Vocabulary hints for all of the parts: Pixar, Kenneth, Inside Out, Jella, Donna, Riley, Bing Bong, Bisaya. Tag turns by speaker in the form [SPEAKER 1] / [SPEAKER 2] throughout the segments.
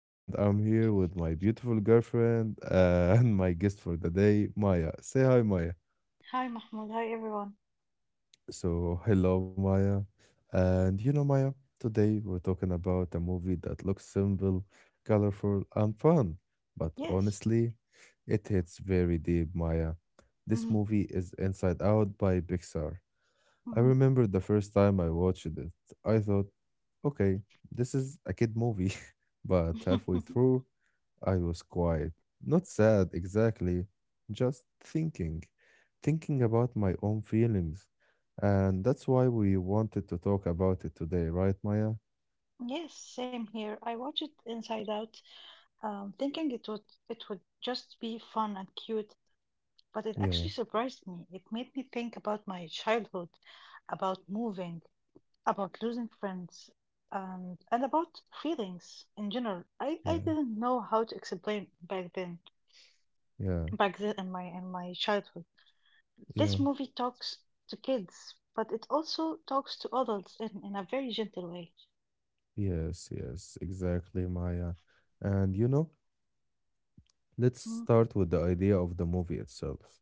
[SPEAKER 1] and I'm here with my beautiful girlfriend and my guest for the day, Maya. Say hi, Maya.
[SPEAKER 2] Hi, Mahmoud. Hi, everyone.
[SPEAKER 1] So, hello, Maya. And you know, Maya, today we're talking about a movie that looks simple, colorful, and fun. But
[SPEAKER 2] Yes.
[SPEAKER 1] honestly, it hits very deep, Maya. This
[SPEAKER 2] hmm
[SPEAKER 1] movie is Inside Out by Pixar. I
[SPEAKER 2] hmm
[SPEAKER 1] remember the first time I watched it, I thought, okay, this is a kid movie. But halfway through, I was quiet. Not sad exactly, just thinking. Thinking about my own feelings. And that's why we wanted to talk about it today, right, Maya?
[SPEAKER 2] yes, same here. I watched it Inside Out, thinking it would just be fun and cute, but it
[SPEAKER 1] Yeah,
[SPEAKER 2] actually surprised me. It made me think about my childhood, about moving, about losing friends, and about feelings in general. I
[SPEAKER 1] yeah,
[SPEAKER 2] didn't know how to explain
[SPEAKER 1] yeah,
[SPEAKER 2] back then in my childhood.
[SPEAKER 1] yeah.
[SPEAKER 2] This movie talks to kids, but it also talks to adults in a very gentle way.
[SPEAKER 1] Yes, yes, exactly, Maya. And you know, let's
[SPEAKER 2] Mm,
[SPEAKER 1] start with the idea of the movie itself.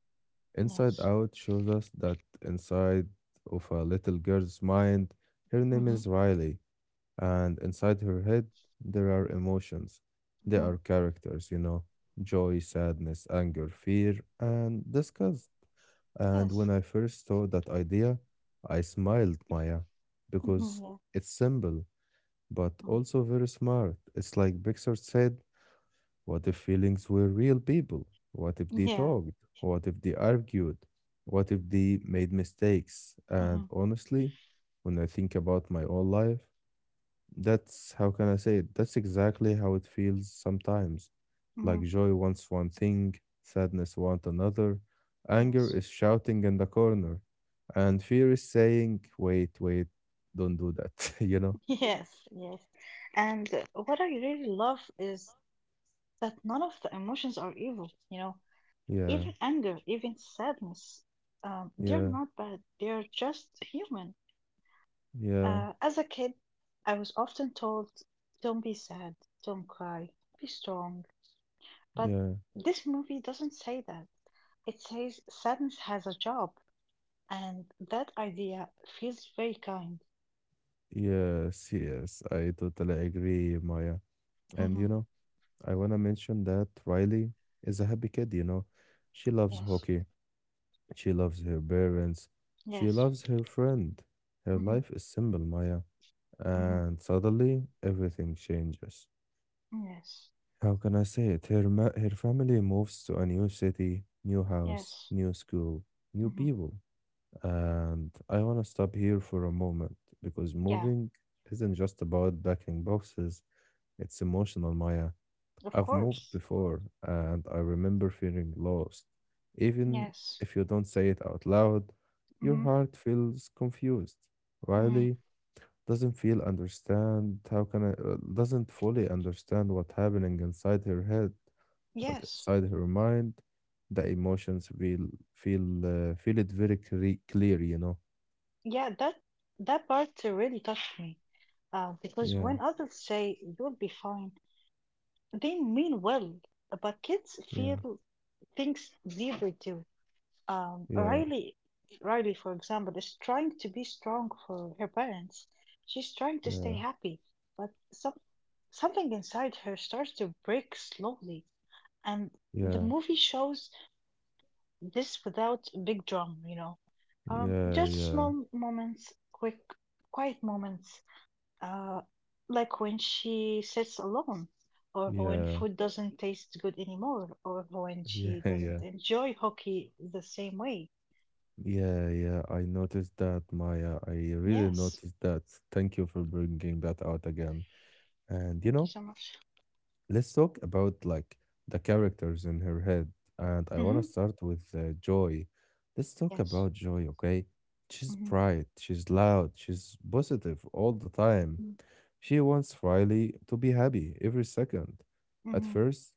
[SPEAKER 1] Inside
[SPEAKER 2] yes.
[SPEAKER 1] Out shows us that inside of a little girl's mind, her name
[SPEAKER 2] hmm
[SPEAKER 1] is Riley, and inside her head, there are emotions. There are
[SPEAKER 2] hmm
[SPEAKER 1] characters, joy, sadness, anger, fear, and disgust. And when
[SPEAKER 2] Yes.
[SPEAKER 1] I first saw that idea, I smiled, Maya, because
[SPEAKER 2] Yeah.
[SPEAKER 1] it's simple, but
[SPEAKER 2] Mm.
[SPEAKER 1] also very smart. It's like Pixar said, what if feelings were real people? What if they
[SPEAKER 2] Yeah.
[SPEAKER 1] talked? What if they argued? What if they made mistakes? And
[SPEAKER 2] hmm
[SPEAKER 1] honestly, when I think about my own life, that's how can I say it? That's exactly how it feels sometimes. Like
[SPEAKER 2] hmm
[SPEAKER 1] joy wants one thing, sadness wants another, anger
[SPEAKER 2] Yes.
[SPEAKER 1] is shouting in the corner, and fear is saying, wait, wait, don't do that, you know?
[SPEAKER 2] Yes. Yes. And what I really love is that none of the emotions are evil. You know,
[SPEAKER 1] Yeah,
[SPEAKER 2] even anger, even sadness, they're
[SPEAKER 1] yeah,
[SPEAKER 2] not bad. They're just human.
[SPEAKER 1] yeah,
[SPEAKER 2] As a kid, I was often told, "Don't be sad. Don't cry. Be strong." But
[SPEAKER 1] yeah.
[SPEAKER 2] this movie doesn't say that. It says sadness has a job, and that idea feels very kind.
[SPEAKER 1] Yes, yes, I totally agree, Maya. And you
[SPEAKER 2] hmm
[SPEAKER 1] know, I want to mention that Riley is a happy kid. She loves
[SPEAKER 2] Yes,
[SPEAKER 1] hockey, she loves her parents, she
[SPEAKER 2] yes,
[SPEAKER 1] loves her friend. Her
[SPEAKER 2] hmm
[SPEAKER 1] life is simple, Maya.
[SPEAKER 2] hmm
[SPEAKER 1] And suddenly everything changes.
[SPEAKER 2] yes,
[SPEAKER 1] How can I say it? Her family moves to a new city, new house,
[SPEAKER 2] yes,
[SPEAKER 1] new school, new
[SPEAKER 2] hmm
[SPEAKER 1] people. And I want to stop here for a moment because
[SPEAKER 2] yeah,
[SPEAKER 1] moving isn't just about packing boxes. It's emotional, Maya.
[SPEAKER 2] of
[SPEAKER 1] I've moved
[SPEAKER 2] course,
[SPEAKER 1] before and I remember feeling lost. Even
[SPEAKER 2] yes,
[SPEAKER 1] if you don't say it out loud, your
[SPEAKER 2] hmm
[SPEAKER 1] heart feels confused.
[SPEAKER 2] hmm
[SPEAKER 1] Riley doesn't feel understand how can I doesn't fully understand what's happening inside her head, but
[SPEAKER 2] yes,
[SPEAKER 1] inside her mind, the emotions feel feel feel it very clear.
[SPEAKER 2] yeah. That part really touched me, because
[SPEAKER 1] Yeah,
[SPEAKER 2] when adults say you'll be fine, they mean well, but kids
[SPEAKER 1] yeah,
[SPEAKER 2] feel things deeply too. Um,
[SPEAKER 1] yeah,
[SPEAKER 2] Riley, Riley, for example, is trying to be strong for her parents. She's trying to stay
[SPEAKER 1] yeah,
[SPEAKER 2] happy, but something inside her starts to break slowly. And the
[SPEAKER 1] yeah,
[SPEAKER 2] movie shows this without big drama, you know. Just
[SPEAKER 1] yeah,
[SPEAKER 2] small moments, quick, quiet moments, uh, like when she sits alone, or when
[SPEAKER 1] yeah,
[SPEAKER 2] food doesn't taste good anymore, or when
[SPEAKER 1] yeah,
[SPEAKER 2] she
[SPEAKER 1] yeah. Yeah,
[SPEAKER 2] doesn't enjoy hockey the same way.
[SPEAKER 1] yeah, yeah, I noticed that, Maya. I really
[SPEAKER 2] Yes.
[SPEAKER 1] noticed that. Thank you for bringing that out again. And
[SPEAKER 2] Thank you so much.
[SPEAKER 1] let's talk about like the characters in her head. And I want to
[SPEAKER 2] Mm-hmm.
[SPEAKER 1] start with Joy. Let's talk
[SPEAKER 2] Yes.
[SPEAKER 1] about Joy, okay? She's
[SPEAKER 2] Mm-hmm.
[SPEAKER 1] bright, she's loud, she's positive all the time. She wants Riley to be happy every second. At
[SPEAKER 2] Mm-hmm.
[SPEAKER 1] first,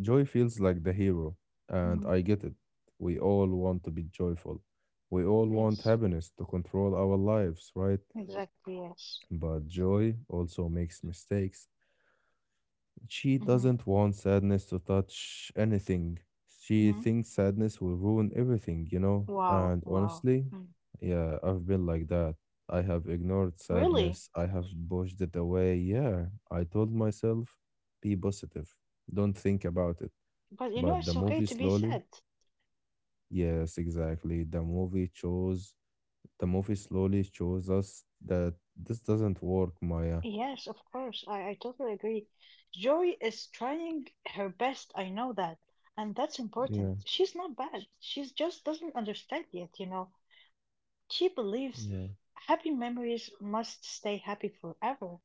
[SPEAKER 1] Joy feels like the hero, and
[SPEAKER 2] Mm-hmm.
[SPEAKER 1] I get it. We all want to be joyful. We all want
[SPEAKER 2] Yes.
[SPEAKER 1] happiness to control our lives, right?
[SPEAKER 2] Exactly. Yes.
[SPEAKER 1] But joy also makes mistakes. She
[SPEAKER 2] Mm-hmm.
[SPEAKER 1] doesn't want sadness to touch anything. She
[SPEAKER 2] Mm-hmm.
[SPEAKER 1] thinks sadness will ruin everything, you know?
[SPEAKER 2] Wow.
[SPEAKER 1] And
[SPEAKER 2] Wow.
[SPEAKER 1] honestly,
[SPEAKER 2] Mm.
[SPEAKER 1] yeah, I've been like that. I have ignored
[SPEAKER 2] Really?
[SPEAKER 1] sadness. I have pushed it away. Yeah, I told myself, be positive. Don't think about it.
[SPEAKER 2] But you know,
[SPEAKER 1] But the
[SPEAKER 2] it's okay
[SPEAKER 1] movie
[SPEAKER 2] to be
[SPEAKER 1] slowly
[SPEAKER 2] sad.
[SPEAKER 1] Yes, exactly. The movie slowly shows us that this doesn't work, Maya.
[SPEAKER 2] Yes, of course. I totally agree. Joy is trying her best. I know that. And that's important.
[SPEAKER 1] Yeah,
[SPEAKER 2] She's not bad. She's just doesn't understand yet, you know. She believes
[SPEAKER 1] yeah,
[SPEAKER 2] happy memories must stay happy forever.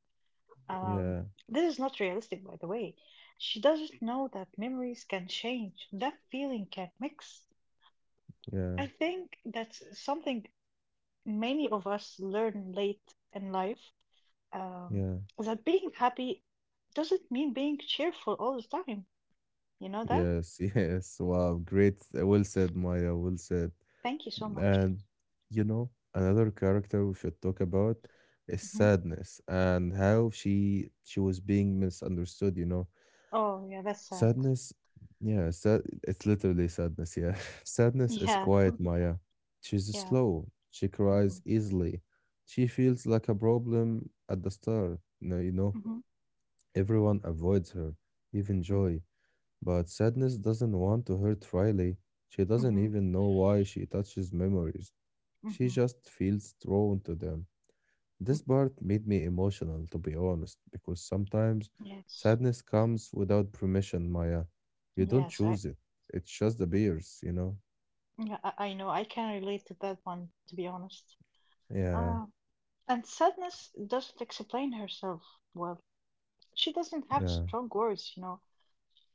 [SPEAKER 2] Um,
[SPEAKER 1] yeah,
[SPEAKER 2] this is not realistic, by the way. She doesn't know that memories can change, that feeling can mix.
[SPEAKER 1] yeah,
[SPEAKER 2] I think that's something many of us learn late in life, um,
[SPEAKER 1] yeah.
[SPEAKER 2] that being happy doesn't mean being cheerful all the time. You know that?
[SPEAKER 1] Yes, yes. Wow, great. Well said, Maya. Well said.
[SPEAKER 2] Thank you so much.
[SPEAKER 1] And, another character we should talk about is
[SPEAKER 2] hmm
[SPEAKER 1] sadness and how she was being misunderstood.
[SPEAKER 2] Oh, yeah, that's sad.
[SPEAKER 1] Sadness, yeah, it's literally sadness, yeah. Sadness is
[SPEAKER 2] Yeah,
[SPEAKER 1] quiet, Maya. She's
[SPEAKER 2] yeah.
[SPEAKER 1] slow. She
[SPEAKER 2] hmm
[SPEAKER 1] cries easily. She feels like a problem at the start. No,
[SPEAKER 2] hmm
[SPEAKER 1] everyone avoids her, even joy. But sadness doesn't want to hurt Riley. She doesn't
[SPEAKER 2] hmm
[SPEAKER 1] even know why she touches memories. She
[SPEAKER 2] hmm
[SPEAKER 1] just feels drawn to them. This part made me emotional, to be honest, because sometimes
[SPEAKER 2] Yes.
[SPEAKER 1] sadness comes without permission, Maya. You don't
[SPEAKER 2] Yes, I
[SPEAKER 1] choose it, it just appears, you know?
[SPEAKER 2] yeah, I know. I can relate to that one, to be honest.
[SPEAKER 1] Yeah,
[SPEAKER 2] Uh, and sadness doesn't explain herself well. She doesn't have
[SPEAKER 1] yeah,
[SPEAKER 2] strong words, you know.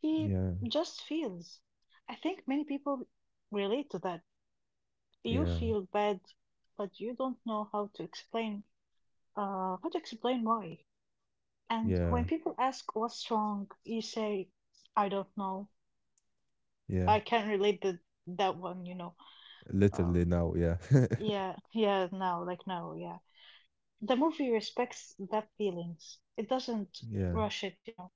[SPEAKER 2] She
[SPEAKER 1] yeah,
[SPEAKER 2] just feels. I think many people relate to that. You
[SPEAKER 1] yeah,
[SPEAKER 2] feel bad, but you don't know how to explain why. And when
[SPEAKER 1] yeah,
[SPEAKER 2] people ask what's wrong, you say, I don't know.
[SPEAKER 1] yeah.
[SPEAKER 2] I can't relate the that one, you know.
[SPEAKER 1] Literally
[SPEAKER 2] Um,
[SPEAKER 1] now, yeah.
[SPEAKER 2] yeah, yeah, now, like now, yeah. The movie respects that feelings. It doesn't
[SPEAKER 1] Yeah,
[SPEAKER 2] rush it, you know.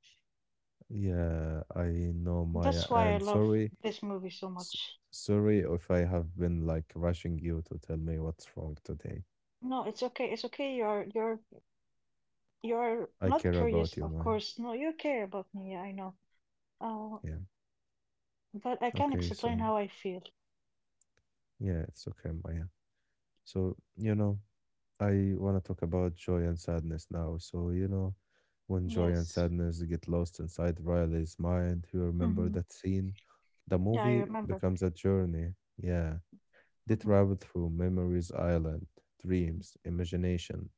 [SPEAKER 1] yeah, I know, Maya.
[SPEAKER 2] That's why I
[SPEAKER 1] And
[SPEAKER 2] love
[SPEAKER 1] sorry,
[SPEAKER 2] this movie so
[SPEAKER 1] s-
[SPEAKER 2] much.
[SPEAKER 1] sorry if I have been like rushing you to tell me what's wrong today.
[SPEAKER 2] No, it's okay. It's okay. You're you're
[SPEAKER 1] I
[SPEAKER 2] not
[SPEAKER 1] care
[SPEAKER 2] curious,
[SPEAKER 1] about you,
[SPEAKER 2] of
[SPEAKER 1] Maya.
[SPEAKER 2] course. No, you care about me. I know. Uh,
[SPEAKER 1] Yeah,
[SPEAKER 2] but I can
[SPEAKER 1] okay,
[SPEAKER 2] explain
[SPEAKER 1] so
[SPEAKER 2] how I feel.
[SPEAKER 1] yeah, it's okay, Maya. So, you know. I want to talk about joy and sadness now. So, when joy and
[SPEAKER 2] Yes.
[SPEAKER 1] sadness get lost inside Riley's mind, you remember
[SPEAKER 2] hmm
[SPEAKER 1] that scene. The
[SPEAKER 2] Yeah, I
[SPEAKER 1] movie
[SPEAKER 2] remember.
[SPEAKER 1] becomes a journey. Yeah. They
[SPEAKER 2] hmm
[SPEAKER 1] travel through memories island, dreams, imagination,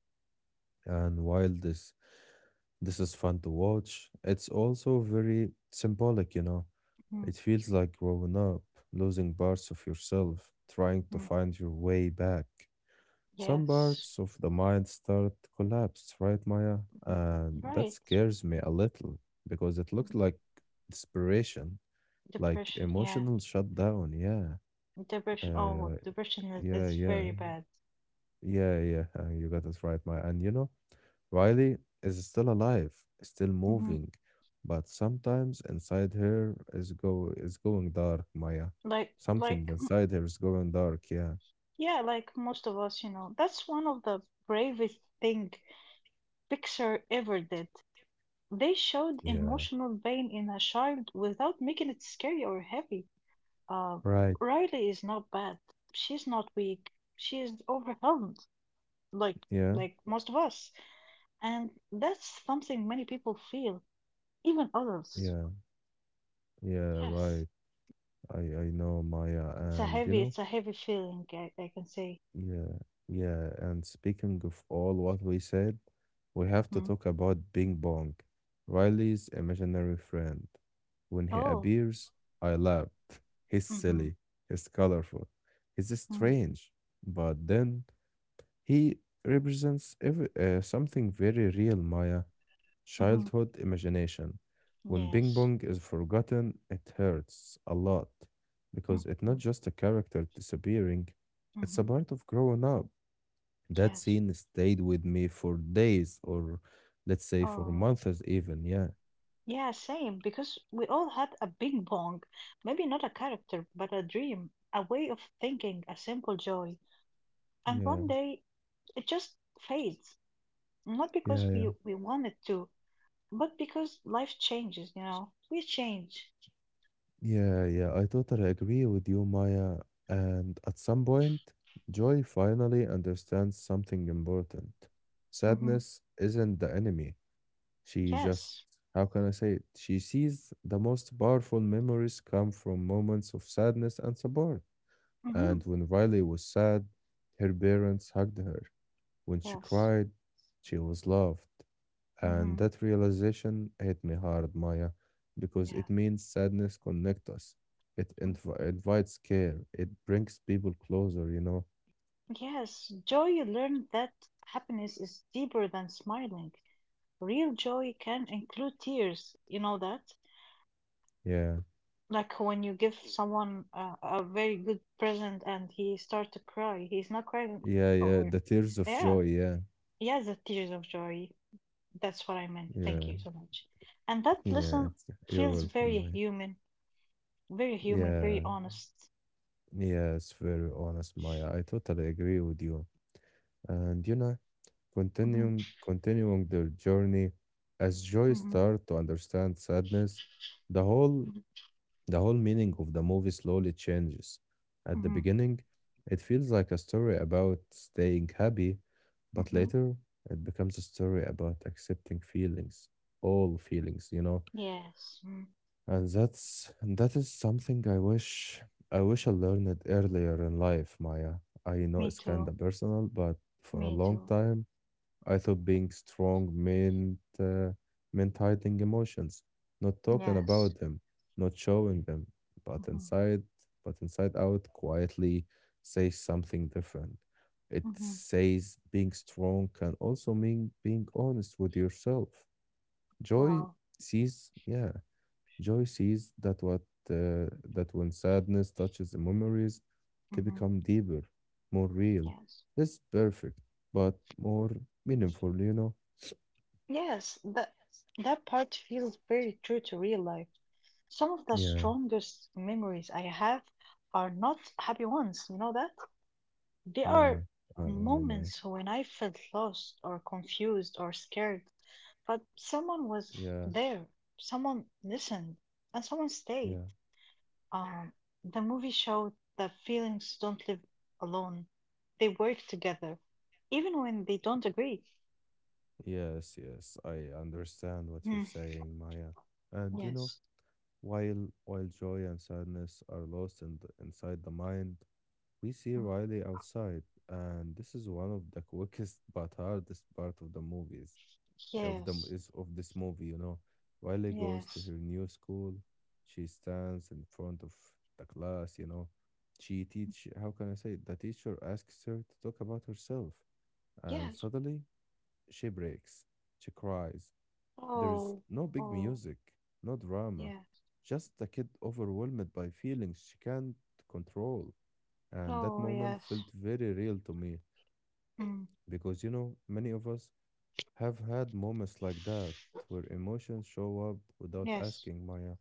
[SPEAKER 1] and while this is fun to watch, it's also very symbolic.
[SPEAKER 2] hmm
[SPEAKER 1] It feels like growing up, losing parts of yourself, trying to
[SPEAKER 2] hmm
[SPEAKER 1] find your way back. Some
[SPEAKER 2] Yes.
[SPEAKER 1] parts of the mind start to collapse, right, Maya?
[SPEAKER 2] Mhm.
[SPEAKER 1] And that
[SPEAKER 2] Right.
[SPEAKER 1] scares me a little because it looks
[SPEAKER 2] Mhm.
[SPEAKER 1] like desperation, like
[SPEAKER 2] Depression. Yeah.
[SPEAKER 1] emotional shutdown. Yeah.
[SPEAKER 2] Depression. Oh,
[SPEAKER 1] Uh,
[SPEAKER 2] depression is,
[SPEAKER 1] yeah,
[SPEAKER 2] is
[SPEAKER 1] yeah,
[SPEAKER 2] very bad.
[SPEAKER 1] yeah, yeah. You got it right, Maya. And Riley is still alive, still
[SPEAKER 2] hmm
[SPEAKER 1] moving, but sometimes inside her is going dark, Maya. Something
[SPEAKER 2] Like
[SPEAKER 1] inside her is going dark. Yeah.
[SPEAKER 2] yeah, like most of us, you know. That's one of the bravest thing Pixar ever did. They showed
[SPEAKER 1] Yeah.
[SPEAKER 2] emotional pain in a child without making it scary or heavy. Uh,
[SPEAKER 1] Right.
[SPEAKER 2] Riley is not bad. She's not weak. She is overwhelmed, like
[SPEAKER 1] Yeah.
[SPEAKER 2] like most of us, and that's something many people feel, even adults.
[SPEAKER 1] Yeah. Yeah.
[SPEAKER 2] Yes,
[SPEAKER 1] Right. I I know, Maya, and
[SPEAKER 2] it's a heavy feeling. I can say.
[SPEAKER 1] yeah, yeah. And speaking of all what we said, we have to
[SPEAKER 2] hmm
[SPEAKER 1] talk about Bing Bong, Riley's imaginary friend. When he
[SPEAKER 2] Oh.
[SPEAKER 1] appears, I laughed. He's
[SPEAKER 2] Mm-hmm.
[SPEAKER 1] silly. He's colorful. He's
[SPEAKER 2] Mm-hmm.
[SPEAKER 1] strange, but then he represents something very real, Maya.
[SPEAKER 2] Mm-hmm.
[SPEAKER 1] Childhood imagination. When Bing
[SPEAKER 2] Yes.
[SPEAKER 1] Bong is forgotten, it hurts a lot because it's not
[SPEAKER 2] Mm-hmm.
[SPEAKER 1] just a character disappearing, it's a
[SPEAKER 2] Mm-hmm.
[SPEAKER 1] part of growing up. That
[SPEAKER 2] Yes.
[SPEAKER 1] scene stayed with me for days or let's say for
[SPEAKER 2] Oh.
[SPEAKER 1] months even. Yeah.
[SPEAKER 2] Yeah, same, because we all had a bing bong. Maybe not a character, but a dream, a way of thinking, a simple joy. And
[SPEAKER 1] Yeah.
[SPEAKER 2] one day it just fades. Not
[SPEAKER 1] Yeah,
[SPEAKER 2] because
[SPEAKER 1] yeah.
[SPEAKER 2] we want it to, but because life changes, you know. We change.
[SPEAKER 1] Yeah, yeah. I totally agree with you, Maya. And at some point, Joy finally understands something important.
[SPEAKER 2] Mm-hmm.
[SPEAKER 1] Sadness isn't the enemy. She just,
[SPEAKER 2] Yes.
[SPEAKER 1] how can I say it? She sees the most powerful memories come from moments of sadness and support.
[SPEAKER 2] Mm-hmm.
[SPEAKER 1] And when Riley was sad, her parents hugged her. When she
[SPEAKER 2] Yes.
[SPEAKER 1] cried, she was loved. And
[SPEAKER 2] Mm-hmm.
[SPEAKER 1] that realization hit me hard, Maya, because
[SPEAKER 2] Yeah.
[SPEAKER 1] it means sadness connects us. It
[SPEAKER 2] Mm.
[SPEAKER 1] invites care. It brings people closer, you know?
[SPEAKER 2] Yes, joy you learn that happiness is deeper than smiling. Real joy can include tears. You know that?
[SPEAKER 1] Yeah.
[SPEAKER 2] Like when you give someone a very good present and he starts to cry, he's not crying
[SPEAKER 1] Yeah, yeah.
[SPEAKER 2] over.
[SPEAKER 1] The tears of
[SPEAKER 2] Yeah,
[SPEAKER 1] joy. Yeah.
[SPEAKER 2] yeah, the tears of joy. That's what I meant. Thank
[SPEAKER 1] Yeah.
[SPEAKER 2] you so much. And that
[SPEAKER 1] Yeah.
[SPEAKER 2] lesson
[SPEAKER 1] You're
[SPEAKER 2] feels
[SPEAKER 1] welcome,
[SPEAKER 2] very
[SPEAKER 1] Maya.
[SPEAKER 2] human, very human,
[SPEAKER 1] Yeah.
[SPEAKER 2] very honest.
[SPEAKER 1] Yes, very honest, Maya. I totally agree with you. And
[SPEAKER 2] hmm
[SPEAKER 1] continuing their journey, as Joy
[SPEAKER 2] hmm
[SPEAKER 1] start to understand sadness, the whole the whole meaning of the movie slowly changes. At the
[SPEAKER 2] hmm
[SPEAKER 1] beginning, it feels like a story about staying happy, but
[SPEAKER 2] hmm
[SPEAKER 1] later it becomes a story about accepting feelings, all feelings.
[SPEAKER 2] Yes. Mm.
[SPEAKER 1] And that is something I wish I learned earlier in life, Maya. I know
[SPEAKER 2] Me
[SPEAKER 1] it's kind
[SPEAKER 2] too.
[SPEAKER 1] of personal, but for a
[SPEAKER 2] Me
[SPEAKER 1] long
[SPEAKER 2] too.
[SPEAKER 1] time, I thought being strong meant hiding emotions, not talking
[SPEAKER 2] Yes.
[SPEAKER 1] about them, not showing them, but
[SPEAKER 2] hmm
[SPEAKER 1] inside, but inside out, quietly says something different. It
[SPEAKER 2] hmm
[SPEAKER 1] says being strong can also mean being honest with yourself. Joy
[SPEAKER 2] Wow.
[SPEAKER 1] sees, yeah Joy sees uh, that when sadness touches the memories, they
[SPEAKER 2] hmm
[SPEAKER 1] become deeper, more real,
[SPEAKER 2] Yes.
[SPEAKER 1] less perfect, but more meaningful. You know?
[SPEAKER 2] Yes. That part feels very true to real life. Some of the
[SPEAKER 1] Yeah,
[SPEAKER 2] strongest memories I have are not happy ones, you know that? They
[SPEAKER 1] yeah.
[SPEAKER 2] are
[SPEAKER 1] You know, Maya.
[SPEAKER 2] moments when I felt lost or confused or scared, but someone was
[SPEAKER 1] Yeah,
[SPEAKER 2] there, someone listened, and someone stayed.
[SPEAKER 1] yeah.
[SPEAKER 2] Um, the movie showed that feelings don't live alone, they work together, even when they don't agree.
[SPEAKER 1] Yes, yes. I understand what you're
[SPEAKER 2] Mm,
[SPEAKER 1] saying, Maya. And
[SPEAKER 2] yes,
[SPEAKER 1] while joy and sadness are lost inside the mind, we see
[SPEAKER 2] mm,
[SPEAKER 1] Riley outside, and this is one of the quickest but hardest part of the movies of the
[SPEAKER 2] yes,
[SPEAKER 1] is of this movie. Riley goes to
[SPEAKER 2] yes,
[SPEAKER 1] her new school. She stands in front of the class. She teach how can I say it? The teacher asks her to talk about herself, and
[SPEAKER 2] yes.
[SPEAKER 1] suddenly she breaks. She cries. There's
[SPEAKER 2] Oh,
[SPEAKER 1] no big
[SPEAKER 2] oh,
[SPEAKER 1] music, no drama,
[SPEAKER 2] yeah.
[SPEAKER 1] just a kid overwhelmed by feelings she can't control. And that
[SPEAKER 2] Oh
[SPEAKER 1] moment
[SPEAKER 2] yes.
[SPEAKER 1] felt very real to me
[SPEAKER 2] Mm.
[SPEAKER 1] because many of us have had moments like that where emotions show up without
[SPEAKER 2] Yes.
[SPEAKER 1] asking, Maya.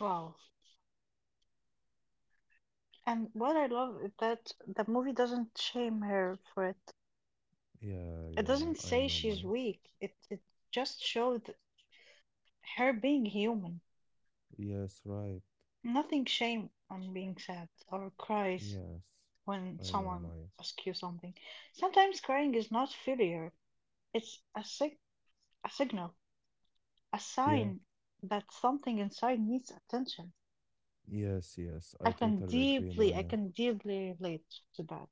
[SPEAKER 2] Wow. And what I love is that the movie doesn't shame her for it.
[SPEAKER 1] Yeah,
[SPEAKER 2] It
[SPEAKER 1] yeah,
[SPEAKER 2] doesn't
[SPEAKER 1] I
[SPEAKER 2] say
[SPEAKER 1] know,
[SPEAKER 2] she's
[SPEAKER 1] Maya.
[SPEAKER 2] weak. It just showed her being human.
[SPEAKER 1] Yes, right.
[SPEAKER 2] Nothing shame on being sad or cries
[SPEAKER 1] Yes,
[SPEAKER 2] when
[SPEAKER 1] I know,
[SPEAKER 2] someone
[SPEAKER 1] Maya.
[SPEAKER 2] asks you something. Sometimes crying is not failure. It's a a signal, a
[SPEAKER 1] Yeah,
[SPEAKER 2] sign that something inside needs attention.
[SPEAKER 1] yes, yes, I totally agree,
[SPEAKER 2] I
[SPEAKER 1] Maya.
[SPEAKER 2] can deeply relate to that.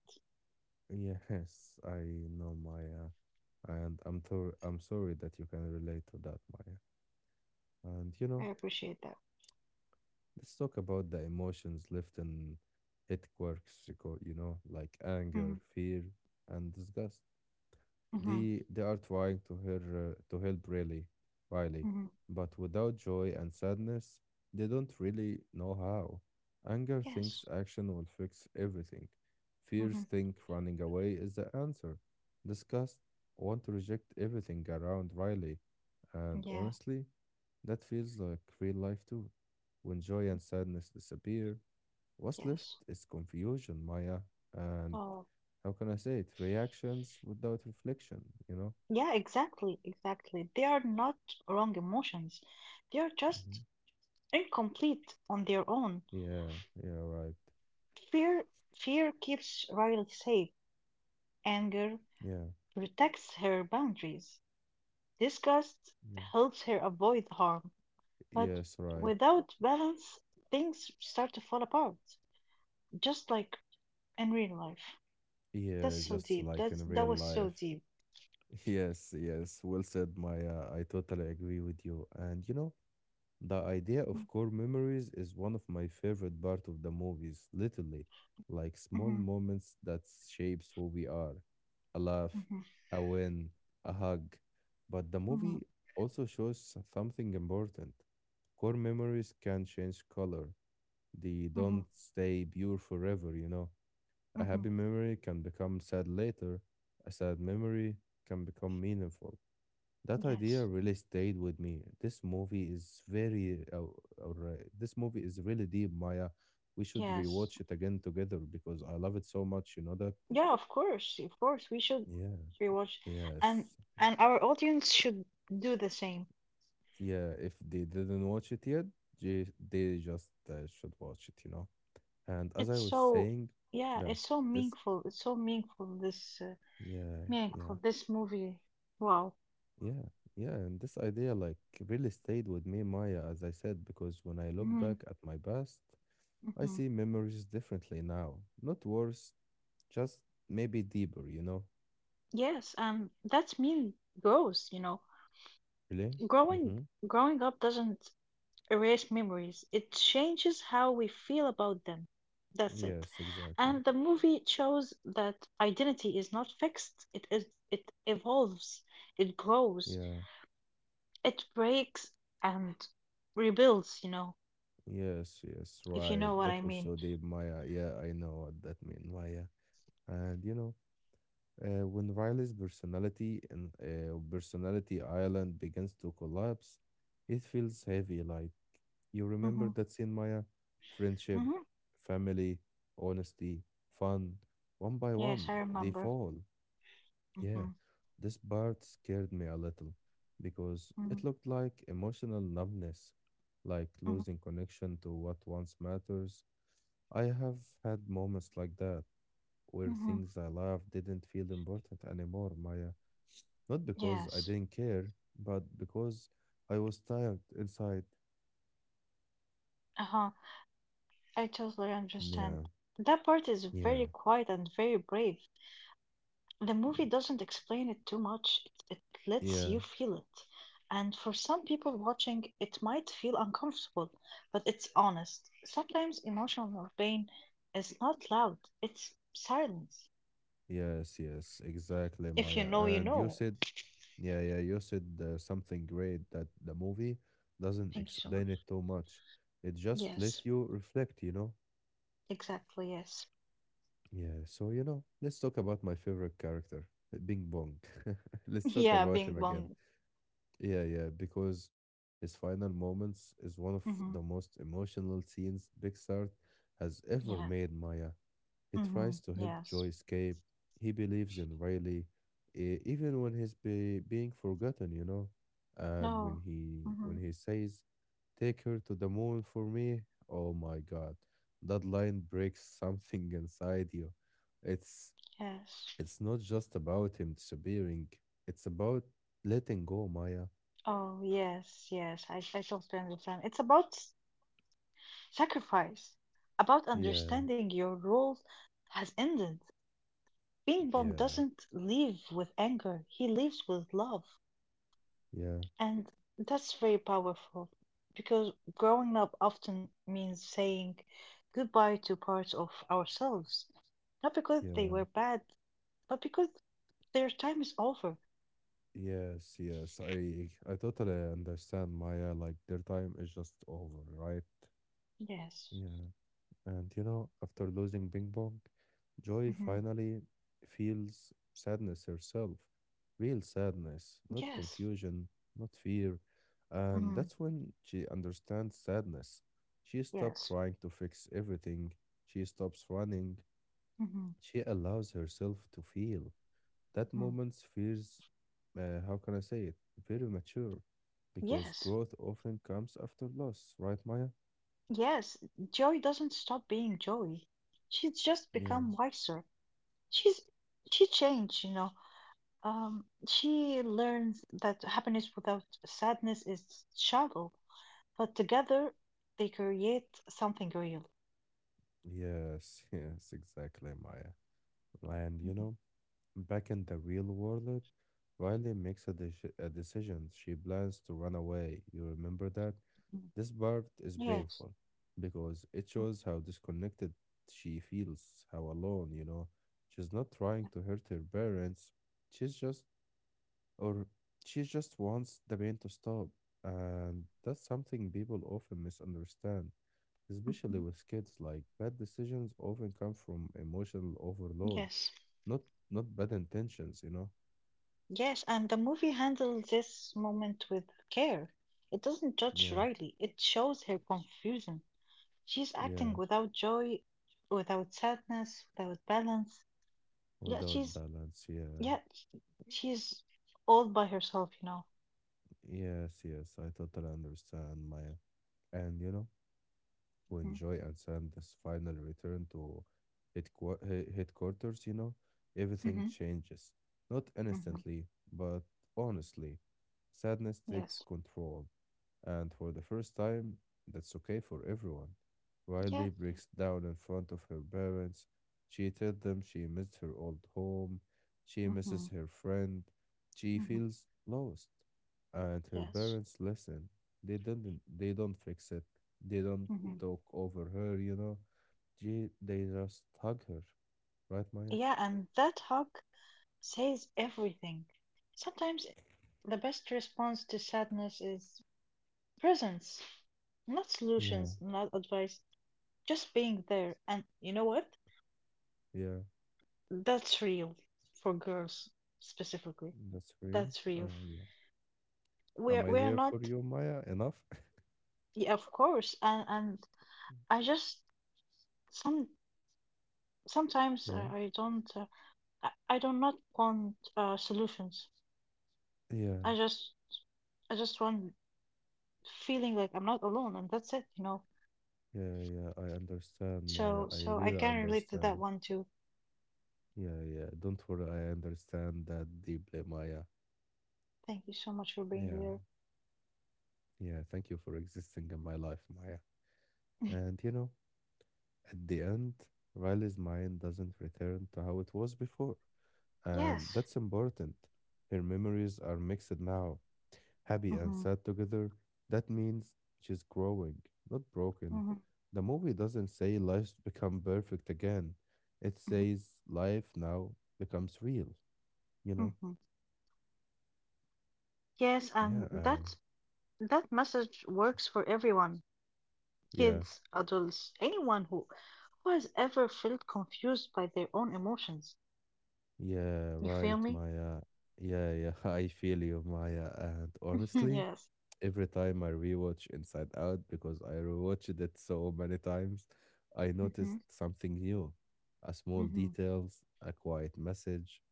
[SPEAKER 1] Yes, I know, Maya. And I'm sorry that you can relate to that, Maya. And
[SPEAKER 2] I appreciate that.
[SPEAKER 1] let's talk about the emotions left in it quirks, you co- you know, like anger,
[SPEAKER 2] Mhm,
[SPEAKER 1] fear, and disgust.
[SPEAKER 2] mhm,
[SPEAKER 1] They are trying to help really, Riley,
[SPEAKER 2] mhm.
[SPEAKER 1] but without joy and sadness, they don't really know how. Anger
[SPEAKER 2] Yes.
[SPEAKER 1] thinks action will fix everything.
[SPEAKER 2] Mhm.
[SPEAKER 1] Fears think running away is the answer. Disgust want to reject everything around Riley, and
[SPEAKER 2] Yeah.
[SPEAKER 1] honestly, that feels like real life too. When joy and sadness disappear, what's left
[SPEAKER 2] Yes.
[SPEAKER 1] is confusion, Maya, and
[SPEAKER 2] Oh.
[SPEAKER 1] how can I say it? Reactions without reflection, you know?
[SPEAKER 2] Yeah, exactly, exactly. They are not wrong emotions. They are just
[SPEAKER 1] hmm
[SPEAKER 2] incomplete on their own.
[SPEAKER 1] Yeah, yeah, right.
[SPEAKER 2] Fear fear keeps Riley safe. Anger
[SPEAKER 1] Yeah,
[SPEAKER 2] protects her boundaries. Disgust
[SPEAKER 1] yeah.
[SPEAKER 2] helps her avoid harm. But
[SPEAKER 1] Yes, right.
[SPEAKER 2] without balance, things start to fall apart. Just like in real life. That's
[SPEAKER 1] Yeah,
[SPEAKER 2] so
[SPEAKER 1] just
[SPEAKER 2] deep.
[SPEAKER 1] like in
[SPEAKER 2] That
[SPEAKER 1] real
[SPEAKER 2] was so
[SPEAKER 1] life.
[SPEAKER 2] deep.
[SPEAKER 1] Yes, yes, well said, Maya. I totally agree with you. And the idea of core memories is one of my favorite part of the movies, literally, like
[SPEAKER 2] Mm-hmm.
[SPEAKER 1] small moments that shapes who we are. A laugh, a win, a hug. But the
[SPEAKER 2] Mm-hmm.
[SPEAKER 1] movie also shows something important. Core memories can change color. They
[SPEAKER 2] Mm-hmm.
[SPEAKER 1] don't stay pure forever, you know. A
[SPEAKER 2] Mm-hmm.
[SPEAKER 1] happy memory can become sad later. A sad memory can become meaningful. That idea
[SPEAKER 2] Yes.
[SPEAKER 1] really stayed with me. This movie is very, this movie is really deep, Maya. We should
[SPEAKER 2] Yes.
[SPEAKER 1] rewatch it again together because I love it so much. You know that?
[SPEAKER 2] Yeah, of course. Of course. We should
[SPEAKER 1] Yeah.
[SPEAKER 2] rewatch and
[SPEAKER 1] Yes.
[SPEAKER 2] and our audience should do the same.
[SPEAKER 1] Yeah. If they didn't watch it yet, they just should watch it. And as
[SPEAKER 2] It's
[SPEAKER 1] I was
[SPEAKER 2] so
[SPEAKER 1] saying,
[SPEAKER 2] yeah,
[SPEAKER 1] that
[SPEAKER 2] it's so
[SPEAKER 1] this,
[SPEAKER 2] meaningful. It's so
[SPEAKER 1] yeah, yeah,
[SPEAKER 2] meaningful this movie. Wow.
[SPEAKER 1] yeah, yeah, and this idea like really stayed with me, Maya. As I said, because when I look
[SPEAKER 2] Mm-hmm.
[SPEAKER 1] back at my past. I
[SPEAKER 2] Mm-hmm.
[SPEAKER 1] see memories differently now. Not worse, just maybe deeper, you know?
[SPEAKER 2] Yes, and that's mean growth. You know.
[SPEAKER 1] Really?
[SPEAKER 2] Growing
[SPEAKER 1] Mm-hmm.
[SPEAKER 2] growing up doesn't erase memories. It changes how we feel about them. That's it.
[SPEAKER 1] Yes, exactly.
[SPEAKER 2] And the movie shows that identity is not fixed. It evolves, it grows,
[SPEAKER 1] Yeah.
[SPEAKER 2] it breaks and rebuilds, you know,
[SPEAKER 1] Yes, yes,
[SPEAKER 2] if you
[SPEAKER 1] right.
[SPEAKER 2] know what I
[SPEAKER 1] That was
[SPEAKER 2] mean.
[SPEAKER 1] so deep, Maya. Yeah, I know what that mean, Maya. And you know, when Riley's personality and personality island begins to collapse, it feels heavy. Like you
[SPEAKER 2] Mm-hmm.
[SPEAKER 1] remember that scene, Maya? Friendship,
[SPEAKER 2] Mm-hmm.
[SPEAKER 1] family, honesty, fun. One by
[SPEAKER 2] Yes, I
[SPEAKER 1] one, they
[SPEAKER 2] remember.
[SPEAKER 1] fall.
[SPEAKER 2] Mm-hmm.
[SPEAKER 1] Yeah, this part scared me a little because
[SPEAKER 2] Mm-hmm.
[SPEAKER 1] it looked like emotional numbness, like
[SPEAKER 2] Mm-hmm.
[SPEAKER 1] losing connection to what once matters. I have had moments like that where
[SPEAKER 2] Mm-hmm.
[SPEAKER 1] things I loved didn't feel important anymore, Maya. Not because I
[SPEAKER 2] Yes.
[SPEAKER 1] didn't care, but because I was tired inside.
[SPEAKER 2] Uh-huh. I totally
[SPEAKER 1] Yeah,
[SPEAKER 2] understand. That part is
[SPEAKER 1] yeah,
[SPEAKER 2] very quiet and very brave. The movie doesn't explain it too much. It lets
[SPEAKER 1] yeah.
[SPEAKER 2] you feel it. And for some people watching, it might feel uncomfortable, but it's honest. Sometimes emotional pain is not loud, it's silence.
[SPEAKER 1] Yes, yes, exactly,
[SPEAKER 2] If you
[SPEAKER 1] Maya.
[SPEAKER 2] know, you
[SPEAKER 1] And you
[SPEAKER 2] know.
[SPEAKER 1] said, yeah, yeah, you said something great that the movie doesn't
[SPEAKER 2] Thank you so much.
[SPEAKER 1] explain it too much. It just let
[SPEAKER 2] Yes,
[SPEAKER 1] you reflect, you know?
[SPEAKER 2] exactly, yes.
[SPEAKER 1] Yeah, so, you know, let's talk about my favorite character, Bing Bong. Let's talk
[SPEAKER 2] Yeah,
[SPEAKER 1] about
[SPEAKER 2] being
[SPEAKER 1] him again.
[SPEAKER 2] bong.
[SPEAKER 1] Yeah, yeah, because his final moments is one of
[SPEAKER 2] hmm
[SPEAKER 1] the most emotional scenes Pixar has ever
[SPEAKER 2] Yeah.
[SPEAKER 1] made, Maya. He tries to help
[SPEAKER 2] Yes.
[SPEAKER 1] Joy escape. He believes in Riley, even when he's be being forgotten, you know. And when
[SPEAKER 2] No.
[SPEAKER 1] he when
[SPEAKER 2] hmm
[SPEAKER 1] he says, "Take her to the moon for me," oh my God, that line breaks something inside you. It's
[SPEAKER 2] Yes.
[SPEAKER 1] it's not just about him disappearing. It's about letting go, Maya.
[SPEAKER 2] Oh, yes, yes, I totally understand. It's about sacrifice, about
[SPEAKER 1] Yeah,
[SPEAKER 2] understanding your role has ended. Ping Pong
[SPEAKER 1] yeah,
[SPEAKER 2] doesn't leave with anger, he leaves with love.
[SPEAKER 1] yeah,
[SPEAKER 2] And that's very powerful because growing up often means saying goodbye to parts of ourselves, not because they
[SPEAKER 1] yeah.
[SPEAKER 2] were bad, but because their time is over.
[SPEAKER 1] Yes, yes, I totally understand, Maya. Like their time is just over, right?
[SPEAKER 2] Yes.
[SPEAKER 1] Yeah, and you know, after losing Bing Bong, Joy
[SPEAKER 2] hmm
[SPEAKER 1] finally feels sadness herself, real sadness, not
[SPEAKER 2] Yes.
[SPEAKER 1] confusion, not fear. And
[SPEAKER 2] hmm
[SPEAKER 1] that's when she understands sadness. She stopped
[SPEAKER 2] Yes.
[SPEAKER 1] trying to fix everything, she stops running,
[SPEAKER 2] hmm
[SPEAKER 1] she allows herself to feel. That
[SPEAKER 2] hmm
[SPEAKER 1] moment feels, how can I say it, very mature because
[SPEAKER 2] Yes.
[SPEAKER 1] growth often comes after loss, right, Maya?
[SPEAKER 2] Yes, Joy doesn't stop being Joy. She's just become
[SPEAKER 1] Yeah.
[SPEAKER 2] wiser. She's she changed, you know. She learns that happiness without sadness is shallow, but together they create something real.
[SPEAKER 1] Yes, yes, exactly, Maya. And you
[SPEAKER 2] Mhm,
[SPEAKER 1] know, back in the real world, Riley makes a a decision. She plans to run away. You remember that?
[SPEAKER 2] mhm.
[SPEAKER 1] This part is
[SPEAKER 2] Yes.
[SPEAKER 1] painful because it
[SPEAKER 2] mm,
[SPEAKER 1] shows how disconnected she feels, how alone, you know. She's not trying to hurt her parents. She's just, or she just wants the pain to stop. And that's something people often misunderstand, especially
[SPEAKER 2] mhm.
[SPEAKER 1] with kids. Like bad decisions often come from emotional overload,
[SPEAKER 2] Yes.
[SPEAKER 1] not not bad intentions, you know?
[SPEAKER 2] Yes, and the movie handles this moment with care. It doesn't judge
[SPEAKER 1] Yeah,
[SPEAKER 2] Riley. It shows her confusion. She's acting
[SPEAKER 1] yeah.
[SPEAKER 2] without joy, without sadness, without balance. Yeah,
[SPEAKER 1] Without
[SPEAKER 2] she's
[SPEAKER 1] balance, yeah.
[SPEAKER 2] yeah, she's all by herself, you know.
[SPEAKER 1] Yes, yes, I totally understand, Maya. And you know,
[SPEAKER 2] hmm
[SPEAKER 1] when Joy and Sanders finally return to headquarters, you know, everything
[SPEAKER 2] hmm
[SPEAKER 1] changes. Not
[SPEAKER 2] hmm
[SPEAKER 1] instantly, but honestly. Sadness takes
[SPEAKER 2] Yes.
[SPEAKER 1] control. And for the first time, that's okay for everyone.
[SPEAKER 2] Yes.
[SPEAKER 1] Riley breaks down in front of her parents. She tells them she missed her old home. She
[SPEAKER 2] hmm
[SPEAKER 1] misses her friend. She
[SPEAKER 2] hmm
[SPEAKER 1] feels lost. And her
[SPEAKER 2] Yes.
[SPEAKER 1] parents listen. They don't fix it. They don't
[SPEAKER 2] hmm
[SPEAKER 1] talk over her, you know. They just hug her. Right, Maya?
[SPEAKER 2] Yeah, and that hug says everything. Sometimes the best response to sadness is presence, not
[SPEAKER 1] Yeah.
[SPEAKER 2] solutions, not advice, just being there. And you know what?
[SPEAKER 1] Yeah,
[SPEAKER 2] That's real for girls specifically.
[SPEAKER 1] that's real.
[SPEAKER 2] That's real.
[SPEAKER 1] Yeah. Am
[SPEAKER 2] We're
[SPEAKER 1] I
[SPEAKER 2] we're
[SPEAKER 1] there for
[SPEAKER 2] not,
[SPEAKER 1] you, Maya? Enough?
[SPEAKER 2] yeah, of course, and I just some sometimes I,
[SPEAKER 1] Yeah.
[SPEAKER 2] I don't I do not want solutions.
[SPEAKER 1] Yeah.
[SPEAKER 2] I just I just want feeling like I'm not alone, and that's it, you know.
[SPEAKER 1] Yeah, yeah, I understand, Maya.
[SPEAKER 2] So
[SPEAKER 1] I
[SPEAKER 2] so I
[SPEAKER 1] really
[SPEAKER 2] can relate to that
[SPEAKER 1] understand.
[SPEAKER 2] one too.
[SPEAKER 1] Yeah, yeah. Don't worry, I understand that deeply, Maya.
[SPEAKER 2] Thank you so much for
[SPEAKER 1] Yeah,
[SPEAKER 2] being there.
[SPEAKER 1] yeah. Thank you for existing in my life, Maya. And you know, at the end, Riley's mind doesn't return to how it was before. And
[SPEAKER 2] Yes.
[SPEAKER 1] that's important. Her memories are mixed now. Happy and
[SPEAKER 2] Mm-hmm.
[SPEAKER 1] sad together, that means she's growing, not broken.
[SPEAKER 2] Mm-hmm.
[SPEAKER 1] The movie doesn't say life's become perfect again. It says life now becomes real, you know?
[SPEAKER 2] Mm-hmm. Yes,
[SPEAKER 1] Yeah,
[SPEAKER 2] and that message works for everyone.
[SPEAKER 1] yeah,
[SPEAKER 2] Kids, adults, anyone who has ever felt confused by their own emotions.
[SPEAKER 1] yeah,
[SPEAKER 2] You feel
[SPEAKER 1] right,
[SPEAKER 2] me?
[SPEAKER 1] Maya. Yeah, yeah, I feel you, Maya. And honestly,
[SPEAKER 2] yes.
[SPEAKER 1] every time I rewatch Inside Out because I rewatched it so many times, I
[SPEAKER 2] Mm-hmm.
[SPEAKER 1] noticed something new, a small
[SPEAKER 2] Mm-hmm.
[SPEAKER 1] details, a quiet message,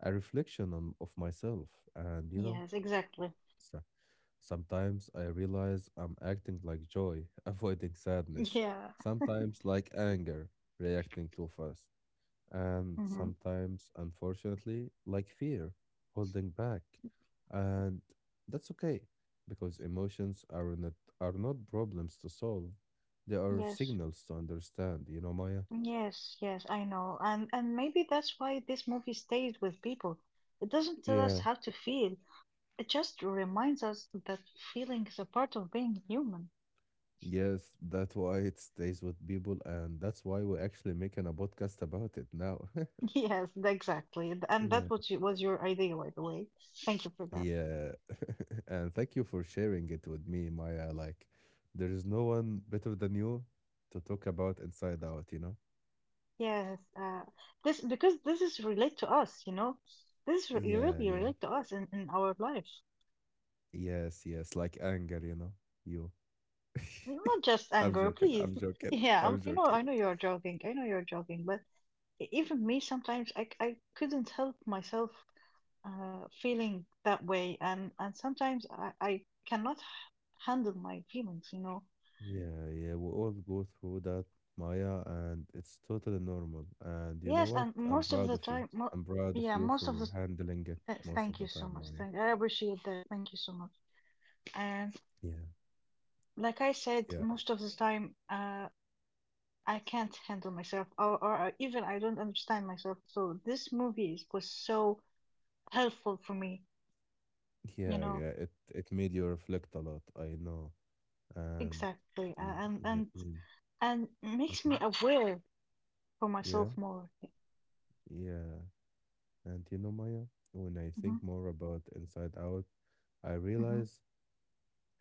[SPEAKER 1] a reflection of myself, and you know,
[SPEAKER 2] Yes, exactly.
[SPEAKER 1] so- sometimes I realize I'm acting like joy, avoiding sadness,
[SPEAKER 2] Yeah.
[SPEAKER 1] sometimes like anger, reacting too fast, and
[SPEAKER 2] Mm-hmm. Mm.
[SPEAKER 1] sometimes, unfortunately, like fear, holding back. And that's okay because emotions are not problems to solve, they are
[SPEAKER 2] Yes.
[SPEAKER 1] signals to understand, you know, Maya?
[SPEAKER 2] Yes, yes, I know. And maybe that's why this movie stays with people. It doesn't tell us
[SPEAKER 1] Yeah.
[SPEAKER 2] how to feel. It just reminds us that feeling is a part of being human.
[SPEAKER 1] Yes, that's why it stays with people, and that's why we're actually making a podcast about it now.
[SPEAKER 2] Yes, exactly. And
[SPEAKER 1] Yeah.
[SPEAKER 2] that was was your idea, by the way. Thank you for that.
[SPEAKER 1] Yeah. And thank you for sharing it with me, Maya. Like, there is no one better than you to talk about Inside Out, you know?
[SPEAKER 2] Yes, this because this is relate to us, you know. This
[SPEAKER 1] Yeah,
[SPEAKER 2] really
[SPEAKER 1] yeah.
[SPEAKER 2] relate to us in our life.
[SPEAKER 1] Yes, yes, like anger, you know, you.
[SPEAKER 2] Not just anger, please. Yeah,
[SPEAKER 1] I'm
[SPEAKER 2] I'm, you know,
[SPEAKER 1] joking.
[SPEAKER 2] I know you're joking. I know you're joking, but even me sometimes I couldn't help myself feeling that way, and sometimes I cannot handle my feelings, you know.
[SPEAKER 1] Yeah, yeah, we all go through that, Maya, and it's totally normal. And you know
[SPEAKER 2] Yes,
[SPEAKER 1] what?
[SPEAKER 2] and
[SPEAKER 1] I'm
[SPEAKER 2] most of
[SPEAKER 1] proud
[SPEAKER 2] the
[SPEAKER 1] of you.
[SPEAKER 2] time, mo
[SPEAKER 1] I'm proud of
[SPEAKER 2] yeah,
[SPEAKER 1] you
[SPEAKER 2] most of
[SPEAKER 1] for
[SPEAKER 2] the.
[SPEAKER 1] handling it most of
[SPEAKER 2] Thank you
[SPEAKER 1] the
[SPEAKER 2] so
[SPEAKER 1] time,
[SPEAKER 2] much.
[SPEAKER 1] Maya.
[SPEAKER 2] I appreciate that. Thank you so much. And
[SPEAKER 1] Yeah,
[SPEAKER 2] like I said,
[SPEAKER 1] yeah,
[SPEAKER 2] most of the time, I can't handle myself, or even I don't understand myself. So this was so helpful for me, you
[SPEAKER 1] yeah,
[SPEAKER 2] know,
[SPEAKER 1] yeah. It made you reflect a lot, I know. And
[SPEAKER 2] exactly, a-
[SPEAKER 1] yeah,
[SPEAKER 2] and
[SPEAKER 1] yeah,
[SPEAKER 2] and
[SPEAKER 1] yeah.
[SPEAKER 2] and makes
[SPEAKER 1] Mhm,
[SPEAKER 2] me aware for myself
[SPEAKER 1] yeah,
[SPEAKER 2] more. Yeah.
[SPEAKER 1] yeah. And you know, Maya, when I
[SPEAKER 2] Mm-hmm,
[SPEAKER 1] think more about Inside Out, I
[SPEAKER 2] mm-hmm.
[SPEAKER 1] realize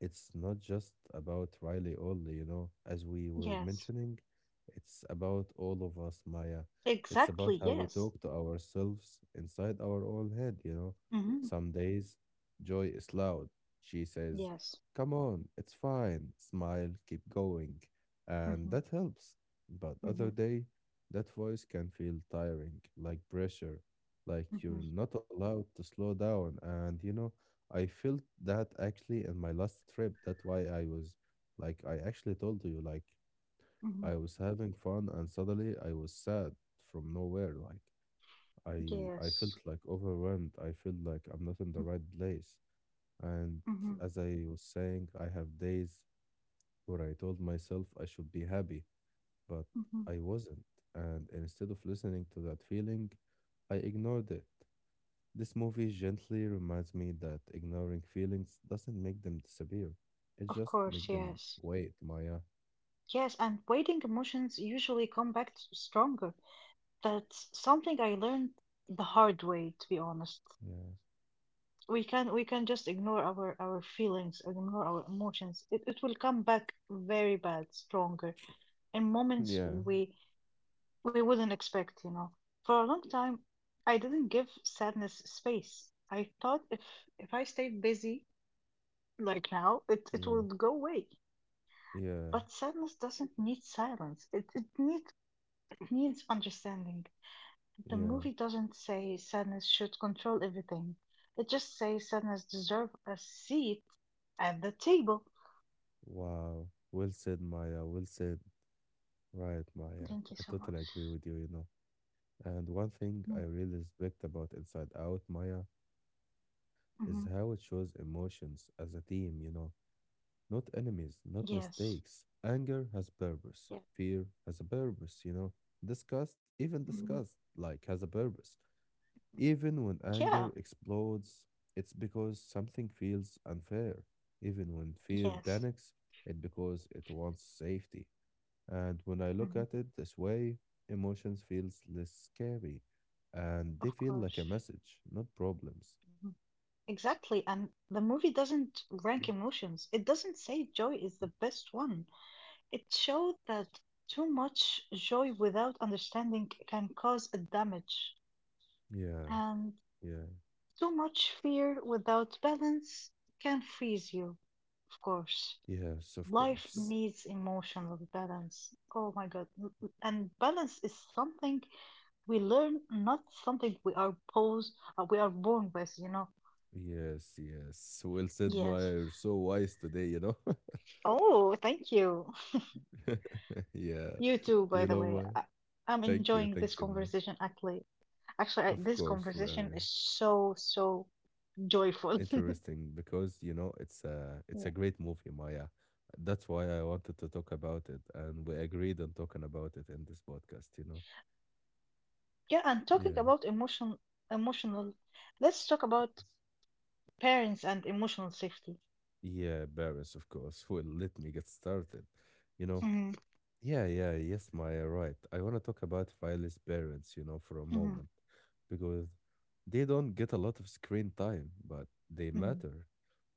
[SPEAKER 1] it's not just about Riley only, you know, as we were
[SPEAKER 2] Yes,
[SPEAKER 1] mentioning, it's about all of us, Maya. It's about
[SPEAKER 2] exactly.
[SPEAKER 1] how we
[SPEAKER 2] Yes.
[SPEAKER 1] talk to ourselves inside our own head, you know.
[SPEAKER 2] Mm-hmm.
[SPEAKER 1] Some days, joy is loud. She says,
[SPEAKER 2] Yes.
[SPEAKER 1] come on, it's fine. Smile, keep going. And
[SPEAKER 2] Mm-hmm,
[SPEAKER 1] that helps. But
[SPEAKER 2] mm-hmm,
[SPEAKER 1] other day, that voice can feel tiring, like pressure, like
[SPEAKER 2] mm-hmm,
[SPEAKER 1] you're not allowed to slow down. And, you know, I felt that actually in my last trip. That's why I was like, I actually told you, like,
[SPEAKER 2] mm-hmm.
[SPEAKER 1] I was having fun and suddenly I was sad from nowhere. Like, I
[SPEAKER 2] Yes.
[SPEAKER 1] felt like overwhelmed. I felt like I'm not in the right place. And
[SPEAKER 2] Mm-hmm,
[SPEAKER 1] as I was saying, I have days where I told myself I should be happy, but
[SPEAKER 2] mm-hmm.
[SPEAKER 1] I wasn't. And instead of listening to that feeling, I ignored it. This movie gently reminds me that ignoring feelings doesn't make them disappear. It
[SPEAKER 2] Of
[SPEAKER 1] just makes
[SPEAKER 2] course.
[SPEAKER 1] them
[SPEAKER 2] Yes.
[SPEAKER 1] wait, Maya.
[SPEAKER 2] Yes, and waiting emotions usually come back stronger. That's something I learned the hard way, to be honest.
[SPEAKER 1] Yeah.
[SPEAKER 2] We can just ignore our feelings, ignore our emotions. It will come back very bad, stronger in moments
[SPEAKER 1] Yeah.
[SPEAKER 2] we wouldn't expect, you know. For a long time, I didn't give sadness space. I thought if I stayed busy like now, it
[SPEAKER 1] Yeah.
[SPEAKER 2] would go away.
[SPEAKER 1] Yeah.
[SPEAKER 2] But sadness doesn't need silence. It needs understanding. The
[SPEAKER 1] Yeah.
[SPEAKER 2] movie doesn't say sadness should control everything. It just says sadness deserves a seat at the table.
[SPEAKER 1] Wow. Well said, Maya. Well said. Right, Maya.
[SPEAKER 2] Thank you
[SPEAKER 1] I
[SPEAKER 2] so much.
[SPEAKER 1] totally agree with you, you know. And one thing I really respect about Inside Out, Maya, is
[SPEAKER 2] Mm-hmm.
[SPEAKER 1] how it shows emotions as a theme, you know. Not enemies, not
[SPEAKER 2] Yes.
[SPEAKER 1] mistakes. Anger has purpose.
[SPEAKER 2] Yeah.
[SPEAKER 1] Fear has a purpose, you know. Disgust,
[SPEAKER 2] Hmm.
[SPEAKER 1] even disgust, like, has a purpose. Even when
[SPEAKER 2] Yeah.
[SPEAKER 1] anger explodes, it's because something feels unfair. Even when fear
[SPEAKER 2] Yes.
[SPEAKER 1] panics, it's because it wants safety. And when I look
[SPEAKER 2] Hmm.
[SPEAKER 1] at it this way, emotions feels less scary. And they
[SPEAKER 2] Of
[SPEAKER 1] feel like
[SPEAKER 2] course.
[SPEAKER 1] a message, not problems.
[SPEAKER 2] Mhm. Exactly. And the movie doesn't rank emotions. It doesn't say joy is the best one. It showed that too much joy without understanding can cause a damage.
[SPEAKER 1] Yeah,
[SPEAKER 2] And
[SPEAKER 1] yeah,
[SPEAKER 2] too much fear without balance can freeze you, of course.
[SPEAKER 1] yes, of
[SPEAKER 2] Life
[SPEAKER 1] course.
[SPEAKER 2] needs emotional balance. Oh my God. And balance is something we learn, not something we are we are born with, you know?
[SPEAKER 1] Yes, yes. Well said,
[SPEAKER 2] Yes.
[SPEAKER 1] Maya. You're so wise today, you know?
[SPEAKER 2] Oh, thank you.
[SPEAKER 1] Yeah.
[SPEAKER 2] You too, by
[SPEAKER 1] You
[SPEAKER 2] the
[SPEAKER 1] know,
[SPEAKER 2] way.
[SPEAKER 1] Maya.
[SPEAKER 2] I'm
[SPEAKER 1] Thank you.
[SPEAKER 2] enjoying this
[SPEAKER 1] Thank you, Maya.
[SPEAKER 2] conversation, actually. Actually,
[SPEAKER 1] Of
[SPEAKER 2] this
[SPEAKER 1] course, we are
[SPEAKER 2] conversation is so, so joyful.
[SPEAKER 1] interesting because, you know, it's a
[SPEAKER 2] Yeah.
[SPEAKER 1] great movie, Maya. That's why I wanted to talk about it, and we agreed on talking about it in this podcast, you know?
[SPEAKER 2] Yeah, and talking
[SPEAKER 1] Yeah.
[SPEAKER 2] about emotional, let's talk about parents and emotional safety.
[SPEAKER 1] Yeah, Paris, of course. Well, let me get started. You know,
[SPEAKER 2] Mhm,
[SPEAKER 1] yeah, yeah, yes, Maya, right. I want to talk about Riley's parents, you know, for a
[SPEAKER 2] mhm,
[SPEAKER 1] moment, because they don't get a lot of screen time, but they
[SPEAKER 2] mhm,
[SPEAKER 1] matter.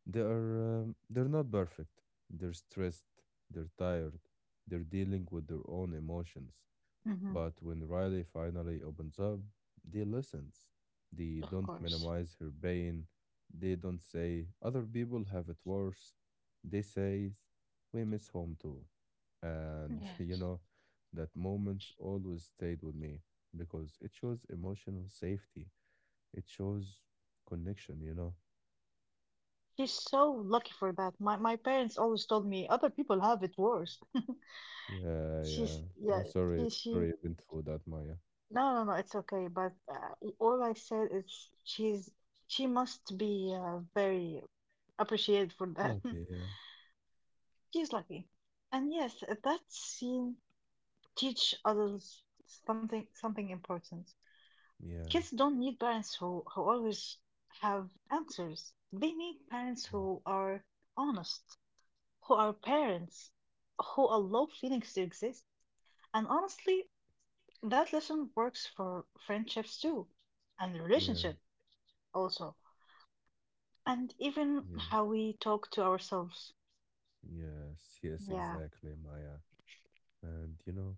[SPEAKER 1] They are, they're not perfect. They're stressed, they're tired, they're dealing with their own emotions.
[SPEAKER 2] mhm.
[SPEAKER 1] But when Riley finally opens up, they listen. They
[SPEAKER 2] Of
[SPEAKER 1] don't
[SPEAKER 2] course.
[SPEAKER 1] minimize her pain. They don't say, other people have it worse. They say, we miss home too.
[SPEAKER 2] Mm.
[SPEAKER 1] And,
[SPEAKER 2] Yeah.
[SPEAKER 1] you know, that moment always stayed with me because it shows emotional safety. It shows connection, you know?
[SPEAKER 2] She's so lucky for that. My parents always told me other people have it worse.
[SPEAKER 1] Yeah, yeah.
[SPEAKER 2] She's
[SPEAKER 1] I'm
[SPEAKER 2] yeah,
[SPEAKER 1] sorry.
[SPEAKER 2] she
[SPEAKER 1] Sorry, I've been through that, Maya.
[SPEAKER 2] no no no, it's okay. But all I said is she's she must be very appreciated for that.
[SPEAKER 1] Lucky, yeah.
[SPEAKER 2] She's lucky. And yes, that scene teach others something important.
[SPEAKER 1] Yeah,
[SPEAKER 2] Kids don't need parents who always have answers. They need parents
[SPEAKER 1] yeah,
[SPEAKER 2] who are honest, who are parents, who allow feelings to exist. And honestly, that lesson works for friendships too, and
[SPEAKER 1] yeah,
[SPEAKER 2] relationship also, and even
[SPEAKER 1] yeah.
[SPEAKER 2] how we talk to ourselves.
[SPEAKER 1] Yes, yes,
[SPEAKER 2] Yeah.
[SPEAKER 1] exactly, Maya. And you know,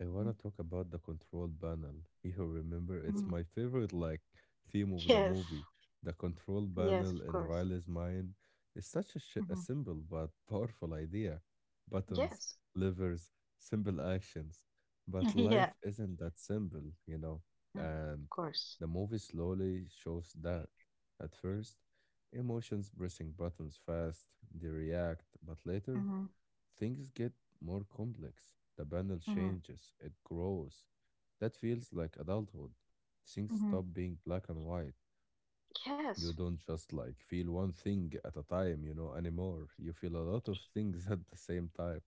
[SPEAKER 1] I want
[SPEAKER 2] Mhm.
[SPEAKER 1] to talk about the control panel. You remember,
[SPEAKER 2] Mhm.
[SPEAKER 1] it's my favorite like theme of the
[SPEAKER 2] Yes.
[SPEAKER 1] movie. The control
[SPEAKER 2] Yes, of
[SPEAKER 1] panel
[SPEAKER 2] course.
[SPEAKER 1] in Riley's mind is such a
[SPEAKER 2] Hmm.
[SPEAKER 1] simple but powerful idea. Buttons,
[SPEAKER 2] Yes.
[SPEAKER 1] levers, simple actions. But
[SPEAKER 2] Yeah.
[SPEAKER 1] life isn't that simple, you know.
[SPEAKER 2] Mhm.
[SPEAKER 1] And
[SPEAKER 2] Of course.
[SPEAKER 1] the movie slowly shows that. At first, emotions pressing buttons fast, they react, but later
[SPEAKER 2] Hmm.
[SPEAKER 1] things get more complex. The panel
[SPEAKER 2] Hmm.
[SPEAKER 1] changes, it grows. That feels like adulthood. Things
[SPEAKER 2] Hmm.
[SPEAKER 1] stop being black and white.
[SPEAKER 2] Yes.
[SPEAKER 1] You don't just like feel one thing at a time, you know, anymore. You feel a lot of things at the same time.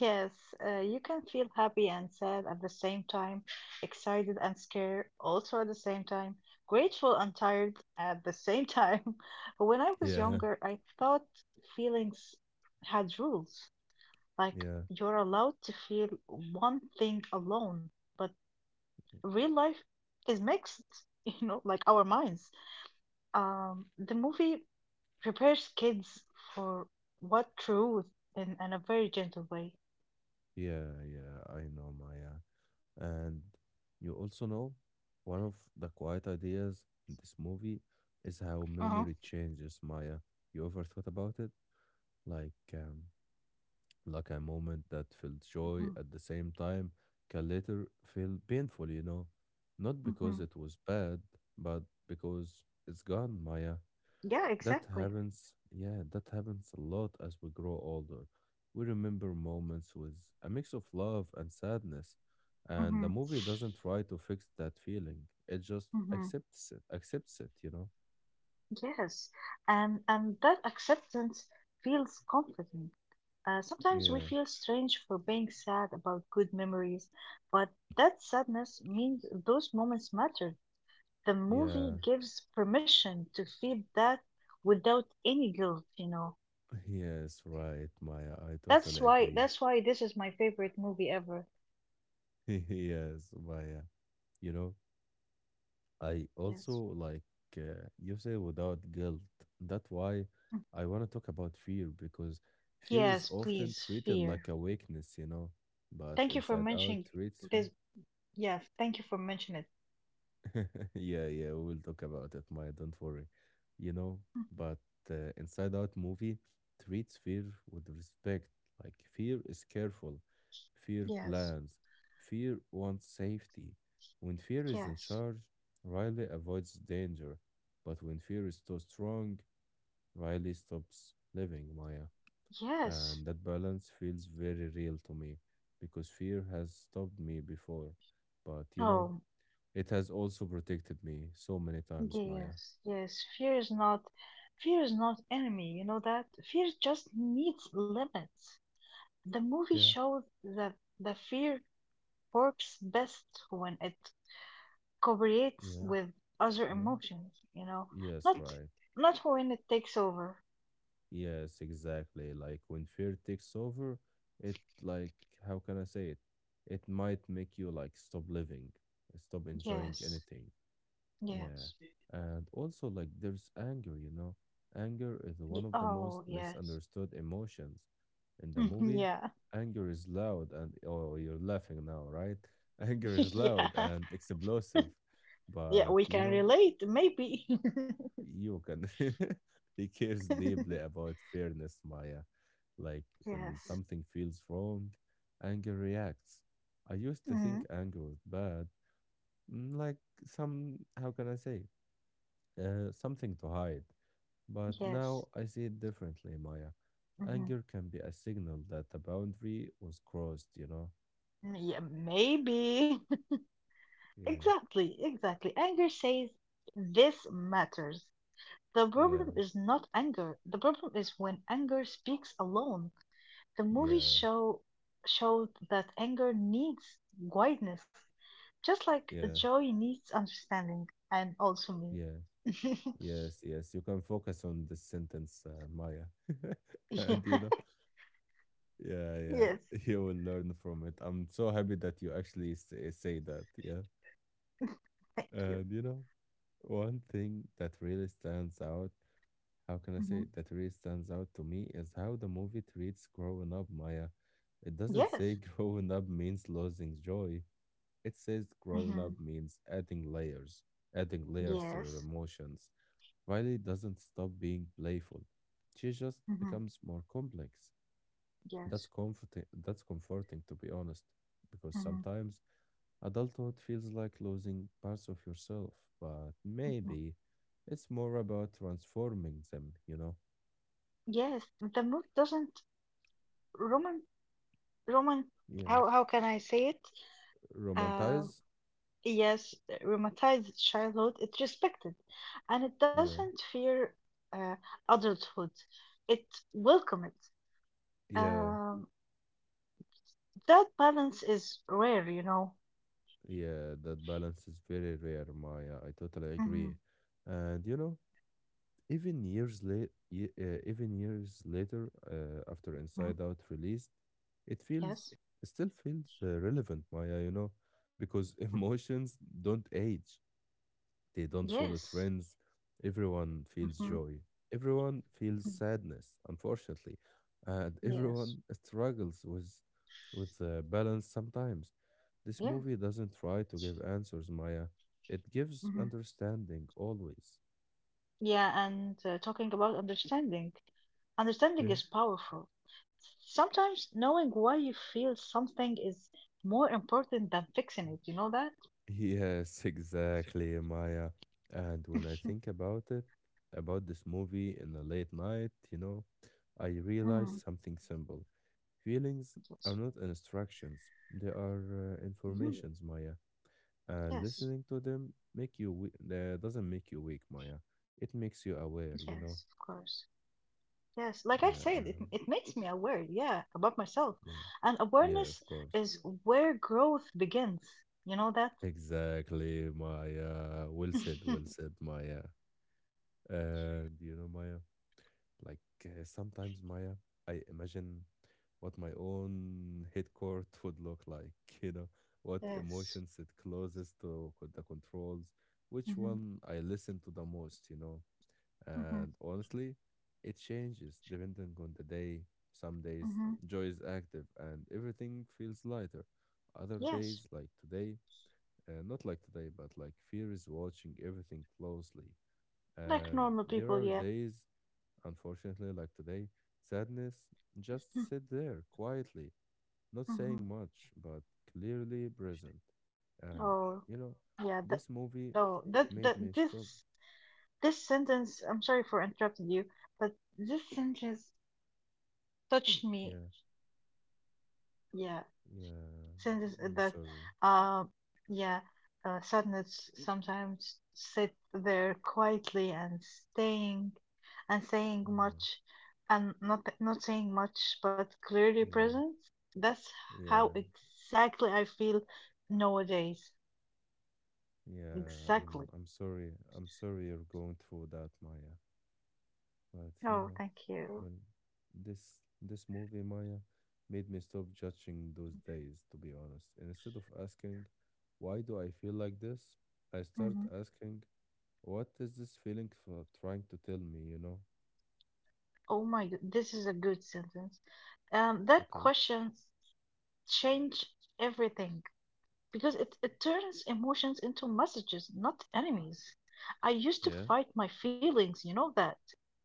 [SPEAKER 2] Yes, you can feel happy and sad at the same time, excited and scared also at the same time, grateful and tired at the same time. When I was
[SPEAKER 1] Yeah,
[SPEAKER 2] younger, I thought feelings had rules, like
[SPEAKER 1] yeah,
[SPEAKER 2] you're allowed to feel one thing alone, but real life is mixed, you know, like our minds. The movie prepares kids for what truth in a very gentle way.
[SPEAKER 1] yeah, yeah. I know, Maya. And you also know one of the quiet ideas in this movie is how
[SPEAKER 2] Uh-huh.
[SPEAKER 1] memory changes, Maya. You ever thought about it? Like, um, like a moment that felt joy
[SPEAKER 2] Mhm.
[SPEAKER 1] at the same time can later feel painful, not
[SPEAKER 2] Mhm.
[SPEAKER 1] because it was bad, but because it's gone, Maya.
[SPEAKER 2] Yeah,
[SPEAKER 1] That
[SPEAKER 2] exactly.
[SPEAKER 1] happens, yeah, that happens a lot as we grow older. We remember moments with a mix of love and sadness, and the
[SPEAKER 2] Mm-hmm.
[SPEAKER 1] movie doesn't try to fix that feeling. It just
[SPEAKER 2] Mm-hmm.
[SPEAKER 1] accepts it, you know?
[SPEAKER 2] Yes. And that acceptance feels comforting. Sometimes we
[SPEAKER 1] Yeah,
[SPEAKER 2] feel strange for being sad about good memories, but that sadness means those moments matter. The
[SPEAKER 1] yeah,
[SPEAKER 2] movie gives permission to feel that without any guilt, you know.
[SPEAKER 1] yes, right, Maya. I totally agree.
[SPEAKER 2] That's why this is my favorite movie ever.
[SPEAKER 1] Yes, Maya. You know, I also
[SPEAKER 2] Yes.
[SPEAKER 1] like you said without guilt, that's why
[SPEAKER 2] Mm.
[SPEAKER 1] I want to talk about fear, because fear is
[SPEAKER 2] Yes,
[SPEAKER 1] often
[SPEAKER 2] please,
[SPEAKER 1] treated
[SPEAKER 2] fear.
[SPEAKER 1] like a weakness. But
[SPEAKER 2] Thank you for
[SPEAKER 1] inside out
[SPEAKER 2] mentioning
[SPEAKER 1] traits.
[SPEAKER 2] this. Yes, thank you for mentioning
[SPEAKER 1] Yeah, yeah, we will talk about it, Maya. Don't worry. You know,
[SPEAKER 2] it.
[SPEAKER 1] but Inside Out movie treats fear with respect. Like, fear is careful, fear
[SPEAKER 2] Yes,
[SPEAKER 1] plans, fear wants safety. When fear is in
[SPEAKER 2] yes,
[SPEAKER 1] charge, Riley avoids danger. But when fear is too strong, Riley stops living, Maya.
[SPEAKER 2] yes.
[SPEAKER 1] And that balance feels very real to me, because fear has stopped me before. But you know,
[SPEAKER 2] Oh,
[SPEAKER 1] it has also protected me so many times, Maya.
[SPEAKER 2] yes, yes. Fear is not enemy. You know that? Fear just needs limits. The movie
[SPEAKER 1] Yeah.
[SPEAKER 2] shows that the fear works best when it cooperates
[SPEAKER 1] Yeah,
[SPEAKER 2] with other
[SPEAKER 1] yeah,
[SPEAKER 2] emotions. You know,
[SPEAKER 1] yes,
[SPEAKER 2] not
[SPEAKER 1] right.
[SPEAKER 2] not when it takes over.
[SPEAKER 1] Yes, exactly. Like, when fear takes over, it like how can I say it? It might make you like stop living, stop enjoying
[SPEAKER 2] Yes,
[SPEAKER 1] anything. Yeah.
[SPEAKER 2] yes.
[SPEAKER 1] And also, like, there's anger, you know? Anger is one of the most
[SPEAKER 2] Oh, yes.
[SPEAKER 1] misunderstood emotions. In the movie,
[SPEAKER 2] Yeah,
[SPEAKER 1] anger is loud and, oh, you're laughing now, right? Anger is loud
[SPEAKER 2] yeah,
[SPEAKER 1] and explosive.
[SPEAKER 2] yeah.
[SPEAKER 1] But,
[SPEAKER 2] We
[SPEAKER 1] you
[SPEAKER 2] can
[SPEAKER 1] know,
[SPEAKER 2] relate, maybe.
[SPEAKER 1] you can, he cares deeply about fairness, Maya. Like, when
[SPEAKER 2] Yes.
[SPEAKER 1] something feels wrong, anger reacts. I used to
[SPEAKER 2] Mm.
[SPEAKER 1] think
[SPEAKER 2] Mm,
[SPEAKER 1] anger was bad, like how can I say? Something to hide. But now
[SPEAKER 2] yes.
[SPEAKER 1] I see it differently, Maya.
[SPEAKER 2] Hmm.
[SPEAKER 1] Anger can be a signal that the boundary was crossed, you know?
[SPEAKER 2] Yeah, maybe.
[SPEAKER 1] Yeah,
[SPEAKER 2] Exactly, exactly. Anger says this matters. The
[SPEAKER 1] yeah,
[SPEAKER 2] problem is not anger. The problem is when anger speaks alone. The movie
[SPEAKER 1] yeah,
[SPEAKER 2] show showed that anger needs guidance, just like
[SPEAKER 1] yeah,
[SPEAKER 2] joy needs understanding, and also
[SPEAKER 1] yeah,
[SPEAKER 2] me.
[SPEAKER 1] yes, yes. You can focus on this sentence, Maya.
[SPEAKER 2] Yeah.
[SPEAKER 1] And, you know, yeah, yeah,
[SPEAKER 2] Yes.
[SPEAKER 1] you will learn from it. I'm so happy that you actually say that, yeah.
[SPEAKER 2] Thank you.
[SPEAKER 1] And, you know, one thing that really stands out, how can I say
[SPEAKER 2] Hmm.
[SPEAKER 1] it? That really stands out to me is how the movie treats growing up, Maya. It doesn't say
[SPEAKER 2] Yes.
[SPEAKER 1] growing up means losing joy. It says growing
[SPEAKER 2] Hmm.
[SPEAKER 1] up means adding layers to your
[SPEAKER 2] Yes.
[SPEAKER 1] emotions. Riley doesn't stop being playful. She just
[SPEAKER 2] Hmm.
[SPEAKER 1] becomes more complex. That's
[SPEAKER 2] Yes.
[SPEAKER 1] comforting that's comforting to be honest. Because
[SPEAKER 2] Mhm,
[SPEAKER 1] sometimes adulthood feels like losing parts of yourself, but
[SPEAKER 2] mhm.
[SPEAKER 1] maybe it's more about transforming them, you know?
[SPEAKER 2] Yes, the movie doesn't roman roman
[SPEAKER 1] Yeah.
[SPEAKER 2] how can I say it? Um,
[SPEAKER 1] Romanticize?
[SPEAKER 2] yes, romanticize childhood. It respected, and it
[SPEAKER 1] Yeah.
[SPEAKER 2] doesn't fear uh, adulthood. It welcome it.
[SPEAKER 1] Yeah.
[SPEAKER 2] Um, that balance is rare, you know.
[SPEAKER 1] Yeah. That balance is very rare, Maya. I totally
[SPEAKER 2] Hmm.
[SPEAKER 1] agree. And you know, even years later, after Inside Out released, it feels,
[SPEAKER 2] Yes,
[SPEAKER 1] it still feels relevant, Maya, you know, because emotions don't age. They don't
[SPEAKER 2] yes,
[SPEAKER 1] follow trends. Everyone
[SPEAKER 2] hmm
[SPEAKER 1] feels joy. Everyone feels sadness, unfortunately. And
[SPEAKER 2] yes,
[SPEAKER 1] everyone struggles with balance sometimes. This
[SPEAKER 2] yes.
[SPEAKER 1] movie doesn't try to give answers, Maya. It gives
[SPEAKER 2] Hmm.
[SPEAKER 1] understanding always.
[SPEAKER 2] Yeah, and talking about understanding. Understanding
[SPEAKER 1] Yeah.
[SPEAKER 2] is powerful. Sometimes knowing why you feel something is more important than fixing it. You know that?
[SPEAKER 1] Yes, exactly, Maya. And when I think about it, about this movie in a late night, you know, I realize
[SPEAKER 2] Mhm.
[SPEAKER 1] something simple. Feelings
[SPEAKER 2] Yes.
[SPEAKER 1] are not instructions, they are
[SPEAKER 2] Mhm.
[SPEAKER 1] informations, Maya. And
[SPEAKER 2] Yes.
[SPEAKER 1] listening to them doesn't make you weak, Maya. It makes you
[SPEAKER 2] Yes,
[SPEAKER 1] aware,
[SPEAKER 2] of
[SPEAKER 1] you know?
[SPEAKER 2] course. Yes, like I said, it
[SPEAKER 1] Yeah,
[SPEAKER 2] it makes me aware, yeah, about myself.
[SPEAKER 1] yeah,
[SPEAKER 2] And awareness
[SPEAKER 1] yeah, of
[SPEAKER 2] is
[SPEAKER 1] course.
[SPEAKER 2] where growth begins. You know that?
[SPEAKER 1] Exactly, Maya. Well said, Maya. And you know, Maya, like sometimes, Maya, I imagine what my own head court would look like, you know, what
[SPEAKER 2] Yes.
[SPEAKER 1] emotions it closes the controls, which
[SPEAKER 2] Hmm.
[SPEAKER 1] one I listen to the most, you know.
[SPEAKER 2] Hmm.
[SPEAKER 1] And honestly, it changes depending on the day. Some days,
[SPEAKER 2] Hmm.
[SPEAKER 1] joy is active and everything feels lighter. Other
[SPEAKER 2] Yes.
[SPEAKER 1] days, like not like today, but like fear is watching everything closely.
[SPEAKER 2] Like
[SPEAKER 1] And
[SPEAKER 2] normal
[SPEAKER 1] there
[SPEAKER 2] people,
[SPEAKER 1] are
[SPEAKER 2] yeah.
[SPEAKER 1] days. Unfortunately, like today, sadness just sit there quietly, not
[SPEAKER 2] Hmm.
[SPEAKER 1] saying much, but clearly present. And
[SPEAKER 2] Or
[SPEAKER 1] you know,
[SPEAKER 2] yeah, th
[SPEAKER 1] this movie
[SPEAKER 2] Oh, that
[SPEAKER 1] made
[SPEAKER 2] that
[SPEAKER 1] me stop.
[SPEAKER 2] this sentence, I'm sorry for interrupting you, but this sentence touched me.
[SPEAKER 1] Yeah,
[SPEAKER 2] Yeah,
[SPEAKER 1] yeah.
[SPEAKER 2] sentence
[SPEAKER 1] I'm
[SPEAKER 2] that,
[SPEAKER 1] sorry.
[SPEAKER 2] um, yeah, sadness sometimes sit there quietly and saying
[SPEAKER 1] Yeah,
[SPEAKER 2] much, and not saying much, but clearly
[SPEAKER 1] yeah,
[SPEAKER 2] present. That's how
[SPEAKER 1] yeah,
[SPEAKER 2] exactly I feel nowadays.
[SPEAKER 1] yeah. I'm
[SPEAKER 2] Exactly.
[SPEAKER 1] I'm sorry. I'm sorry you're going through that, Maya. But you
[SPEAKER 2] Oh,
[SPEAKER 1] know,
[SPEAKER 2] thank you.
[SPEAKER 1] when this movie, Maya, made me stop judging those days, to be honest. And instead of asking, why do I feel like this? I start
[SPEAKER 2] Mhm.
[SPEAKER 1] asking, what is this feeling for trying to tell me, you know?
[SPEAKER 2] Oh my god, this is a good sentence. That
[SPEAKER 1] Okay.
[SPEAKER 2] question changed everything because it turns emotions into messages, not enemies. I used to
[SPEAKER 1] Yeah,
[SPEAKER 2] fight my feelings, you know that.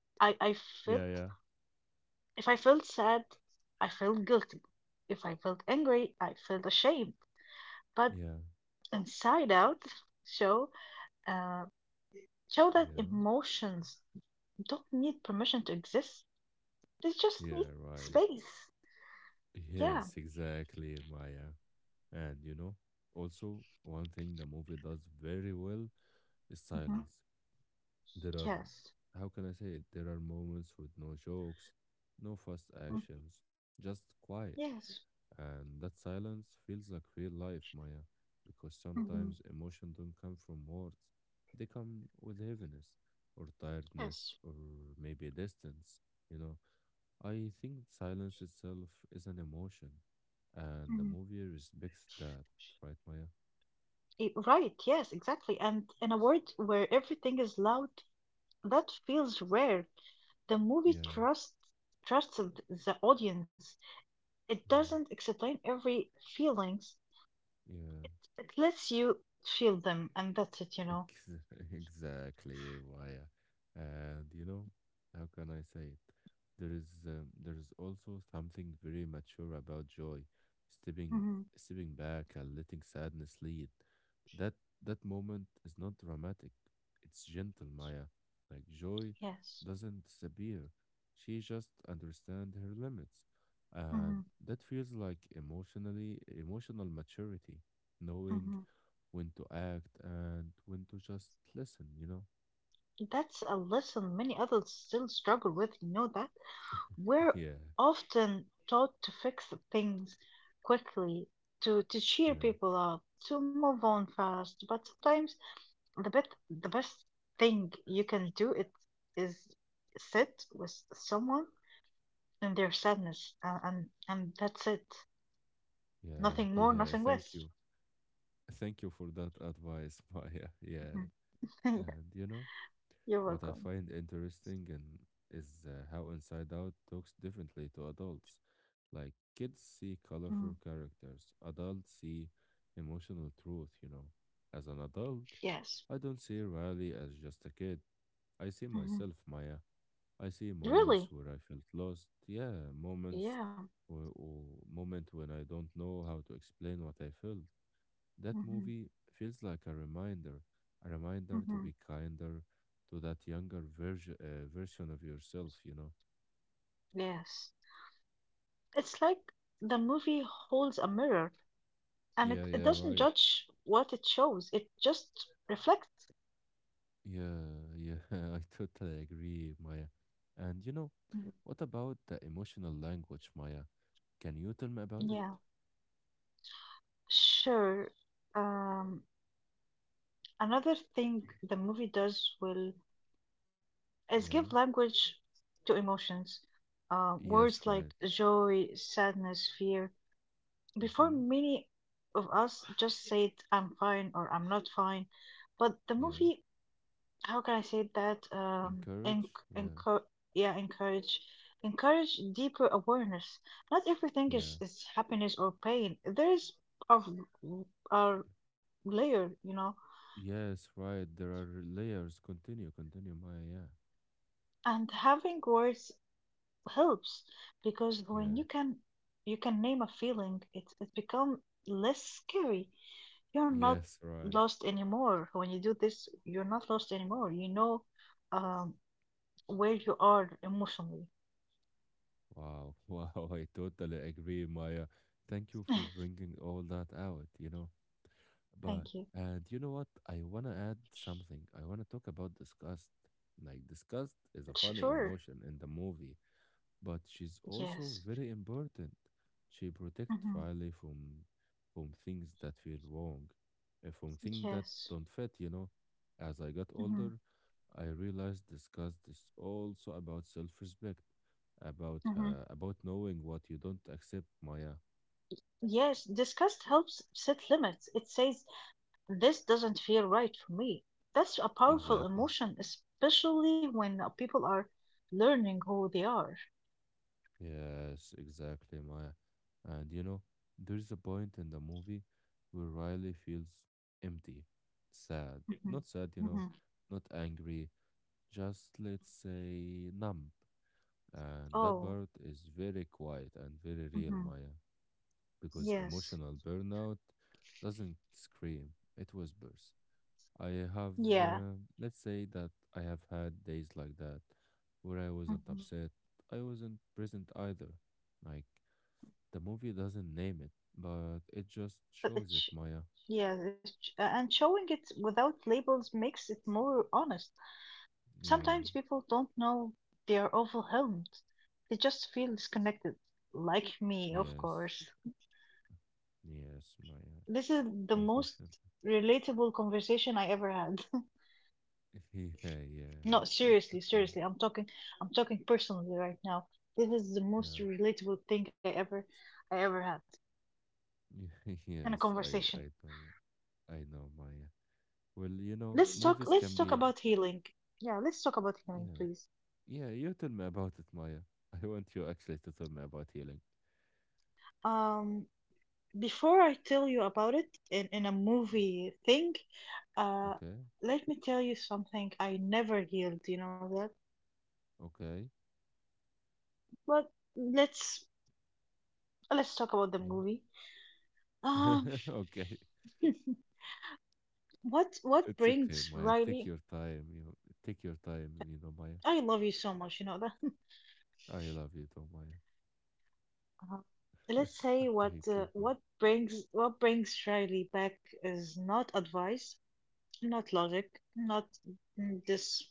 [SPEAKER 2] I felt,
[SPEAKER 1] yeah, yeah.
[SPEAKER 2] if I felt sad, I felt guilty. If I felt angry, I felt ashamed. But
[SPEAKER 1] Yeah,
[SPEAKER 2] Inside Out show, uh, show that
[SPEAKER 1] yeah,
[SPEAKER 2] emotions don't need permission to exist. They just need
[SPEAKER 1] yeah, right.
[SPEAKER 2] space. Yeah.
[SPEAKER 1] Yes, exactly, Maya. And you know, also one thing the movie does very well is
[SPEAKER 2] Mhm.
[SPEAKER 1] silence. There are,
[SPEAKER 2] Yes.
[SPEAKER 1] how can I say it? There are moments with no jokes, no fast
[SPEAKER 2] Mm.
[SPEAKER 1] actions, just
[SPEAKER 2] Yes.
[SPEAKER 1] quiet. And that silence feels like real life, Maya, because
[SPEAKER 2] Hmm.
[SPEAKER 1] sometimes emotion don't come from words. They come with heaviness or
[SPEAKER 2] Yes.
[SPEAKER 1] tiredness or maybe distance, you know. I think silence itself is an emotion, and the
[SPEAKER 2] Hmm.
[SPEAKER 1] movie respects that, right, Maya?
[SPEAKER 2] Right. Yes, exactly. And in a world where everything is loud, that feels rare. The movie
[SPEAKER 1] Yeah,
[SPEAKER 2] trusts trusted the audience. It
[SPEAKER 1] yeah,
[SPEAKER 2] doesn't explain every feelings.
[SPEAKER 1] yeah.
[SPEAKER 2] It lets you feel them, and that's it. You know.
[SPEAKER 1] Ex- Exactly, Maya. And you know, how can I say it? There is also something very mature about joy, stepping
[SPEAKER 2] Hmm.
[SPEAKER 1] stepping back and letting sadness lead. That that moment is not dramatic. It's gentle, Maya. Like, joy
[SPEAKER 2] Yes.
[SPEAKER 1] doesn't disappear. She just understands her limits.
[SPEAKER 2] Hmm.
[SPEAKER 1] And that feels like emotional maturity, knowing
[SPEAKER 2] Hmm.
[SPEAKER 1] when to act and when to just listen, you know?
[SPEAKER 2] That's a lesson many adults still struggle with. You know that. We're
[SPEAKER 1] Yeah,
[SPEAKER 2] often taught to fix things quickly, to cheer
[SPEAKER 1] yeah,
[SPEAKER 2] people up, to move on fast, but sometimes the best thing you can do it is sit with someone in their sadness and and that's it.
[SPEAKER 1] yeah,
[SPEAKER 2] Nothing more,
[SPEAKER 1] yeah.
[SPEAKER 2] nothing
[SPEAKER 1] Thank
[SPEAKER 2] less.
[SPEAKER 1] you. Thank you for that advice, Maya. Yeah.
[SPEAKER 2] Mhm. Yeah,
[SPEAKER 1] And you know,
[SPEAKER 2] you're
[SPEAKER 1] what I
[SPEAKER 2] welcome.
[SPEAKER 1] find interesting and is how Inside Out talks differently to adults. Like, kids
[SPEAKER 2] Mm,
[SPEAKER 1] see colorful characters, adults see emotional truth, you know. As an adult,
[SPEAKER 2] yes.
[SPEAKER 1] I don't see Riley as just a kid. I see
[SPEAKER 2] Hmm.
[SPEAKER 1] myself, Maya. I see moments
[SPEAKER 2] Really?
[SPEAKER 1] where I felt lost. Yeah, moments
[SPEAKER 2] Yeah.
[SPEAKER 1] or moment when I don't know how to explain what I felt. That
[SPEAKER 2] Hmm.
[SPEAKER 1] movie feels like a reminder to
[SPEAKER 2] Hmm.
[SPEAKER 1] be kinder to that younger version of yourself, you know.
[SPEAKER 2] Yes. It's like the movie holds a mirror. And
[SPEAKER 1] Yeah,
[SPEAKER 2] it
[SPEAKER 1] yeah,
[SPEAKER 2] doesn't
[SPEAKER 1] right.
[SPEAKER 2] judge what it shows, it just reflects.
[SPEAKER 1] Yeah, yeah, I totally agree, Maya. And you know,
[SPEAKER 2] Mhm.
[SPEAKER 1] what about the emotional language, Maya? Can you tell me about it?
[SPEAKER 2] Yeah, sure. Um, Another thing the movie does will is give
[SPEAKER 1] Yeah.
[SPEAKER 2] language to emotions.
[SPEAKER 1] Yes,
[SPEAKER 2] Words
[SPEAKER 1] right.
[SPEAKER 2] like joy, sadness, fear. Before
[SPEAKER 1] Mm-hmm.
[SPEAKER 2] many of us just said I'm fine or I'm not fine, but the
[SPEAKER 1] Yeah.
[SPEAKER 2] movie how can I say that?
[SPEAKER 1] Encourage. Yeah.
[SPEAKER 2] Encour yeah, encourage, Encourage deeper awareness. Not everything
[SPEAKER 1] Yeah.
[SPEAKER 2] is happiness or pain. There is a layer, you know,
[SPEAKER 1] Yes, right. There are layers. Continue, continue, Maya. Yeah.
[SPEAKER 2] and having words helps because when
[SPEAKER 1] Yeah.
[SPEAKER 2] you can name a feeling, it become less scary. You're not
[SPEAKER 1] Yes, right.
[SPEAKER 2] lost anymore when you do this. You're not lost anymore. You know, um, where you are emotionally.
[SPEAKER 1] Wow. Wow. I totally agree, Maya. Thank you for bringing all that out, you know.
[SPEAKER 2] Thank
[SPEAKER 1] But,
[SPEAKER 2] you.
[SPEAKER 1] and you know what? I want to add something. I want to talk about disgust. Like, disgust is a
[SPEAKER 2] Sure.
[SPEAKER 1] funny emotion in the movie, but she's
[SPEAKER 2] Yes.
[SPEAKER 1] also very important. She protects
[SPEAKER 2] Hmm.
[SPEAKER 1] Riley from things that feel wrong, from things that
[SPEAKER 2] Yes.
[SPEAKER 1] don't fit, you know. As I got
[SPEAKER 2] Hmm.
[SPEAKER 1] older, I realized discuss this also about self-respect, about
[SPEAKER 2] Hmm.
[SPEAKER 1] uh, about knowing what you don't accept, Maya.
[SPEAKER 2] Yes. Disgust helps set limits. It says, this doesn't feel right for me. That's a powerful
[SPEAKER 1] Exactly.
[SPEAKER 2] emotion, especially when people are learning who they are.
[SPEAKER 1] Yes, exactly, Maya. And you know, there's a point in the movie where Riley feels empty,
[SPEAKER 2] Hmm.
[SPEAKER 1] sad.
[SPEAKER 2] Hmm.
[SPEAKER 1] Not sad, you know, not angry, just let's say numb. And that
[SPEAKER 2] Oh.
[SPEAKER 1] part is very quiet and very real,
[SPEAKER 2] Hmm.
[SPEAKER 1] Maya, because
[SPEAKER 2] Yes.
[SPEAKER 1] emotional burnout doesn't scream, it whispers. I have,
[SPEAKER 2] Yeah.
[SPEAKER 1] uh, let's say that I have had days like that, where I wasn't
[SPEAKER 2] Hmm.
[SPEAKER 1] upset, I wasn't present either. Like, the movie doesn't name it, but it just
[SPEAKER 2] But
[SPEAKER 1] shows it,
[SPEAKER 2] it sh-
[SPEAKER 1] Maya.
[SPEAKER 2] yeah, and showing it without labels makes it more honest.
[SPEAKER 1] Yeah.
[SPEAKER 2] Sometimes people don't know they are overwhelmed. They just feel disconnected. Like me, of
[SPEAKER 1] Yes.
[SPEAKER 2] course.
[SPEAKER 1] Yes, Maya.
[SPEAKER 2] This is the most
[SPEAKER 1] Unfortunately.
[SPEAKER 2] relatable conversation I ever had.
[SPEAKER 1] Yeah, yeah.
[SPEAKER 2] No,
[SPEAKER 1] It's
[SPEAKER 2] seriously,
[SPEAKER 1] okay.
[SPEAKER 2] seriously. I'm talking personally right now. This is the most
[SPEAKER 1] Yeah.
[SPEAKER 2] relatable thing I ever had in a
[SPEAKER 1] Yes, I
[SPEAKER 2] conversation.
[SPEAKER 1] I know. I know, Maya. Well, you know, movies
[SPEAKER 2] Let's
[SPEAKER 1] can
[SPEAKER 2] talk
[SPEAKER 1] be,
[SPEAKER 2] about healing. Yeah, let's talk about healing,
[SPEAKER 1] yeah.
[SPEAKER 2] please.
[SPEAKER 1] Yeah, you tell me about it, Maya. I want you actually to tell me about healing.
[SPEAKER 2] Um, before I tell you about it in a movie thing, uh,
[SPEAKER 1] Okay?
[SPEAKER 2] let me tell you something. I never healed. You know that.
[SPEAKER 1] Okay.
[SPEAKER 2] But let's let's talk about the
[SPEAKER 1] Yeah.
[SPEAKER 2] movie. Um,
[SPEAKER 1] Okay.
[SPEAKER 2] what
[SPEAKER 1] It's okay,
[SPEAKER 2] brings
[SPEAKER 1] Maya. Take
[SPEAKER 2] Riley?
[SPEAKER 1] your time. You take your time, you know, Maya.
[SPEAKER 2] I love you so much, you know that.
[SPEAKER 1] I love you too, Maya.
[SPEAKER 2] Uh, let's say
[SPEAKER 1] Okay, keep going.
[SPEAKER 2] what brings Riley back is not advice, not logic, not mm, this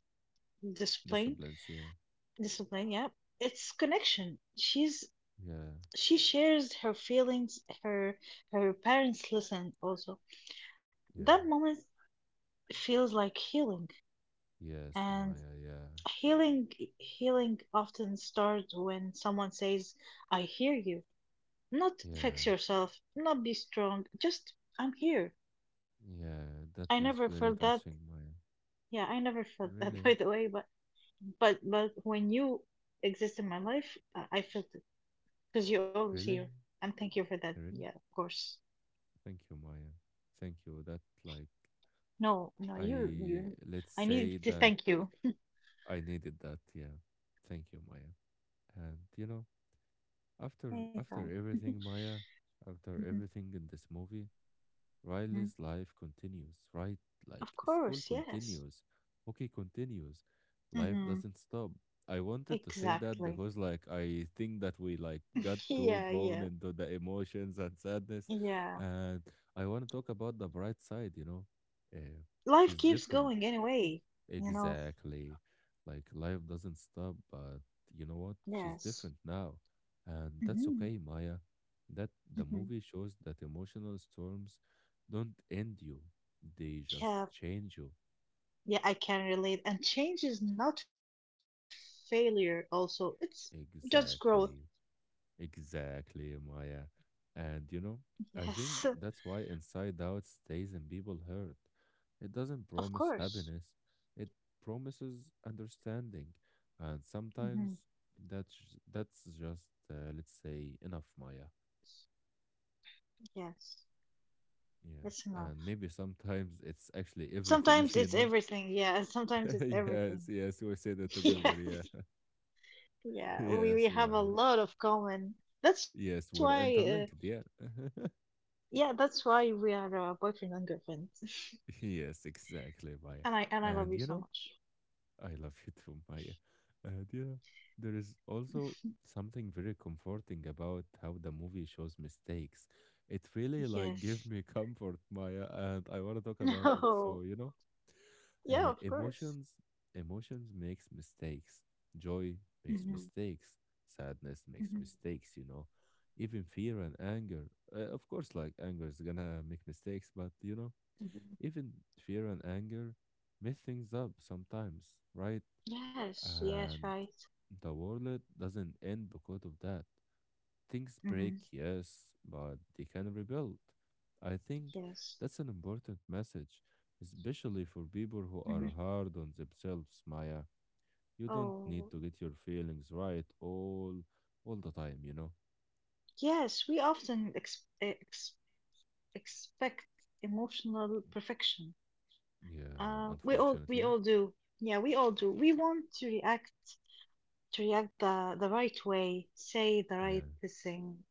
[SPEAKER 2] discipline,
[SPEAKER 1] Disciplines, yeah.
[SPEAKER 2] discipline. Yeah, it's connection. She's
[SPEAKER 1] Yeah,
[SPEAKER 2] she shares her feelings her her parents listen also that
[SPEAKER 1] yeah.
[SPEAKER 2] moment feels like healing
[SPEAKER 1] Yes,
[SPEAKER 2] and
[SPEAKER 1] Maya, yeah.
[SPEAKER 2] healing healing often starts when someone says I hear you, not fix
[SPEAKER 1] Yeah,
[SPEAKER 2] yourself, not be strong, just I'm here.
[SPEAKER 1] yeah.
[SPEAKER 2] I
[SPEAKER 1] That
[SPEAKER 2] never
[SPEAKER 1] was
[SPEAKER 2] felt
[SPEAKER 1] very
[SPEAKER 2] that,
[SPEAKER 1] touching, Maya.
[SPEAKER 2] yeah, I never felt that, by
[SPEAKER 1] Really?
[SPEAKER 2] the way, but but when you exist in my life I felt it because you're always here,
[SPEAKER 1] Really?
[SPEAKER 2] and thank you for that, yeah,
[SPEAKER 1] Really?
[SPEAKER 2] of course.
[SPEAKER 1] Thank you, Maya. Thank you. That, like,
[SPEAKER 2] No, no, you, you.
[SPEAKER 1] let's
[SPEAKER 2] I need
[SPEAKER 1] say
[SPEAKER 2] to
[SPEAKER 1] that
[SPEAKER 2] thank you.
[SPEAKER 1] I needed that, yeah. Thank you, Maya. And, you know, after
[SPEAKER 2] Anytime.
[SPEAKER 1] after everything, Maya, after
[SPEAKER 2] Mhm,
[SPEAKER 1] everything in this movie,
[SPEAKER 2] mhm.
[SPEAKER 1] Riley's life continues, right?
[SPEAKER 2] Of
[SPEAKER 1] Like, school
[SPEAKER 2] course, yes.
[SPEAKER 1] continues, hockey continues, life
[SPEAKER 2] Hmm.
[SPEAKER 1] doesn't stop. I wanted to say that
[SPEAKER 2] Exactly.
[SPEAKER 1] because like I think that we like got too
[SPEAKER 2] Yeah,
[SPEAKER 1] drawn
[SPEAKER 2] yeah,
[SPEAKER 1] into the emotions and sadness,
[SPEAKER 2] yeah.
[SPEAKER 1] and I want to talk about the bright side, you know, uh, which
[SPEAKER 2] Life
[SPEAKER 1] is
[SPEAKER 2] keeps
[SPEAKER 1] different.
[SPEAKER 2] going anyway, you know.
[SPEAKER 1] Exactly. Like, life doesn't stop, but you know what? She's
[SPEAKER 2] Yes.
[SPEAKER 1] different now. And that's
[SPEAKER 2] Hmm.
[SPEAKER 1] okay, Maya. That the
[SPEAKER 2] Hmm.
[SPEAKER 1] movie shows that emotional storms don't end you, they just
[SPEAKER 2] Yeah,
[SPEAKER 1] change you.
[SPEAKER 2] yeah, I can relate. And change is not failure, also. It's just growth.
[SPEAKER 1] Exactly. Exactly, Maya. And you know,
[SPEAKER 2] Yes,
[SPEAKER 1] I think that's why Inside Out stays in people hurt. It
[SPEAKER 2] of
[SPEAKER 1] doesn't promise
[SPEAKER 2] course.
[SPEAKER 1] happiness, it promises understanding. And
[SPEAKER 2] Hmm.
[SPEAKER 1] sometimes that's just let's say enough, Maya.
[SPEAKER 2] Yes, that's
[SPEAKER 1] Yes,
[SPEAKER 2] enough.
[SPEAKER 1] and maybe sometimes it's actually
[SPEAKER 2] Sometimes
[SPEAKER 1] everything,
[SPEAKER 2] it's
[SPEAKER 1] you know?
[SPEAKER 2] everything. Yeah, and sometimes it's everything.
[SPEAKER 1] Yes, yes, we said it
[SPEAKER 2] Yes.
[SPEAKER 1] together, yeah.
[SPEAKER 2] Yeah, we
[SPEAKER 1] Yes,
[SPEAKER 2] have a
[SPEAKER 1] Maya.
[SPEAKER 2] lot of common. That's
[SPEAKER 1] Yes,
[SPEAKER 2] why,
[SPEAKER 1] we're interlinked, yeah.
[SPEAKER 2] yeah, that's why we are boyfriend and girlfriend.
[SPEAKER 1] Yes, exactly,
[SPEAKER 2] And
[SPEAKER 1] Maya.
[SPEAKER 2] I love you
[SPEAKER 1] And
[SPEAKER 2] so
[SPEAKER 1] you know,
[SPEAKER 2] much.
[SPEAKER 1] I love you too, Maya. Do you know, there is also something very comforting about how the movie shows mistakes. It really like
[SPEAKER 2] Yes.
[SPEAKER 1] gave me comfort, Maya, and I want to talk about it. So
[SPEAKER 2] No,
[SPEAKER 1] you know,
[SPEAKER 2] yeah,
[SPEAKER 1] uh,
[SPEAKER 2] of course.
[SPEAKER 1] emotions, emotions makes mistakes. Joy makes
[SPEAKER 2] Mm-hmm.
[SPEAKER 1] mistakes. Sadness makes
[SPEAKER 2] Mm-hmm.
[SPEAKER 1] mistakes. You know, even fear and anger. Of course, like anger is gonna make mistakes, but you know,
[SPEAKER 2] Mm-hmm.
[SPEAKER 1] even fear and anger mess things up sometimes, right?
[SPEAKER 2] Yes, yes,
[SPEAKER 1] And
[SPEAKER 2] right.
[SPEAKER 1] the world doesn't end because of that. Things break,
[SPEAKER 2] Mm-hmm.
[SPEAKER 1] yes, but they can rebuild. I think
[SPEAKER 2] Yes.
[SPEAKER 1] that's an important message, especially for people
[SPEAKER 2] Mm-hmm.
[SPEAKER 1] who are hard on themselves, Maya. You don't
[SPEAKER 2] Oh,
[SPEAKER 1] need to get your feelings right all the time, you know?
[SPEAKER 2] yes, we often ex eh, ex expect emotional perfection.
[SPEAKER 1] Yeah,
[SPEAKER 2] We
[SPEAKER 1] unfortunately.
[SPEAKER 2] all do. Yeah, we all do. We want to react the right way, say the
[SPEAKER 1] Yeah,
[SPEAKER 2] right thing,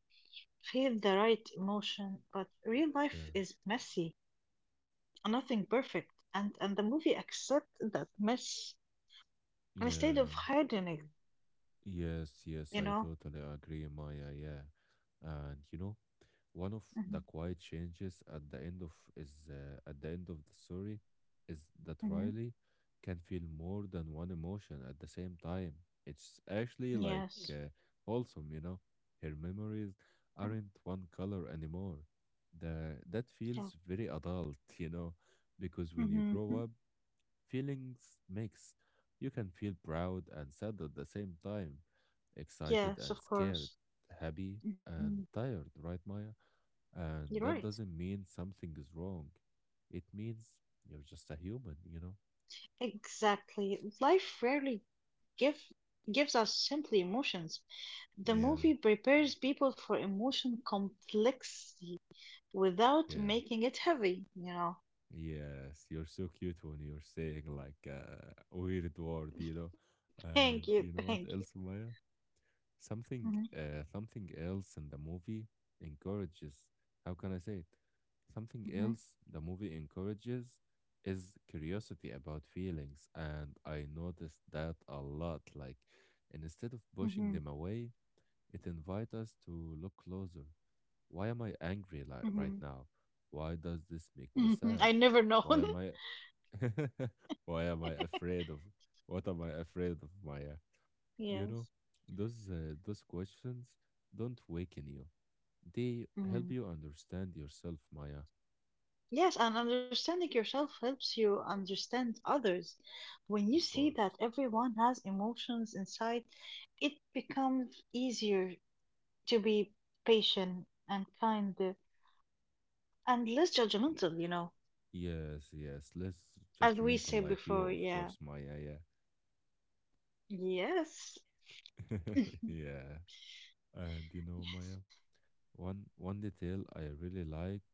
[SPEAKER 2] feel the right emotion. But real
[SPEAKER 1] yeah.
[SPEAKER 2] life is messy, nothing perfect, and the movie accepts that mess instead of
[SPEAKER 1] Yeah.
[SPEAKER 2] hiding it.
[SPEAKER 1] Yes, yes,
[SPEAKER 2] You
[SPEAKER 1] I
[SPEAKER 2] know.
[SPEAKER 1] totally agree, Maya. Yeah. And you know, one of the
[SPEAKER 2] Hmm.
[SPEAKER 1] quiet changes at the end of is at the end of the story is that
[SPEAKER 2] Hmm.
[SPEAKER 1] Riley can feel more than one emotion at the same time. It's actually like
[SPEAKER 2] Yes.
[SPEAKER 1] wholesome, you know. Her memories
[SPEAKER 2] Mm.
[SPEAKER 1] aren't one color anymore. The That
[SPEAKER 2] Yeah.
[SPEAKER 1] feels very adult, you know, because when you grow
[SPEAKER 2] Hmm.
[SPEAKER 1] up, feelings mix. You can feel proud and sad at the same time, excited
[SPEAKER 2] Yes,
[SPEAKER 1] and
[SPEAKER 2] of
[SPEAKER 1] scared,
[SPEAKER 2] course.
[SPEAKER 1] happy
[SPEAKER 2] Hmm.
[SPEAKER 1] and tired, right, Maya?
[SPEAKER 2] You're
[SPEAKER 1] And that
[SPEAKER 2] right.
[SPEAKER 1] doesn't mean something is wrong. It means you're just a human, you know?
[SPEAKER 2] Exactly. Life rarely give gives us simply emotions. The
[SPEAKER 1] Yeah,
[SPEAKER 2] movie prepares people for emotion complexity without
[SPEAKER 1] yeah.
[SPEAKER 2] making it heavy, you know.
[SPEAKER 1] Yes, you're so cute when you're saying like a weird word, you know?
[SPEAKER 2] Thank
[SPEAKER 1] And
[SPEAKER 2] you,
[SPEAKER 1] you know what
[SPEAKER 2] thank you.
[SPEAKER 1] else, Maya?
[SPEAKER 2] Hmm.
[SPEAKER 1] Something else in the movie encourages, how can I say it? Something else
[SPEAKER 2] Hmm.
[SPEAKER 1] the movie encourages is curiosity about feelings, and I noticed that a lot. Like instead of pushing them
[SPEAKER 2] Hmm.
[SPEAKER 1] away, it invites us to look closer. Why am I angry like
[SPEAKER 2] Mm.
[SPEAKER 1] right now? Why does this make me
[SPEAKER 2] Hmm. Hmm.
[SPEAKER 1] sad?
[SPEAKER 2] I never
[SPEAKER 1] Why
[SPEAKER 2] known.
[SPEAKER 1] am I why am I afraid of what am I afraid of, Maya? You know,
[SPEAKER 2] Yes.
[SPEAKER 1] those questions don't waken you. They help
[SPEAKER 2] Hmm.
[SPEAKER 1] you understand yourself, Maya,
[SPEAKER 2] Yes, and understanding yourself helps you understand others. When you
[SPEAKER 1] of
[SPEAKER 2] see that
[SPEAKER 1] course.
[SPEAKER 2] everyone has emotions inside, it becomes easier to be patient and kind, and less judgmental, you know.
[SPEAKER 1] Yes, yes, less
[SPEAKER 2] As we
[SPEAKER 1] judgmental
[SPEAKER 2] said
[SPEAKER 1] like you,
[SPEAKER 2] before,
[SPEAKER 1] of
[SPEAKER 2] yeah.
[SPEAKER 1] course, Maya.
[SPEAKER 2] Yes.
[SPEAKER 1] Yeah.
[SPEAKER 2] Yes.
[SPEAKER 1] yeah. And you know, Maya? One detail I really like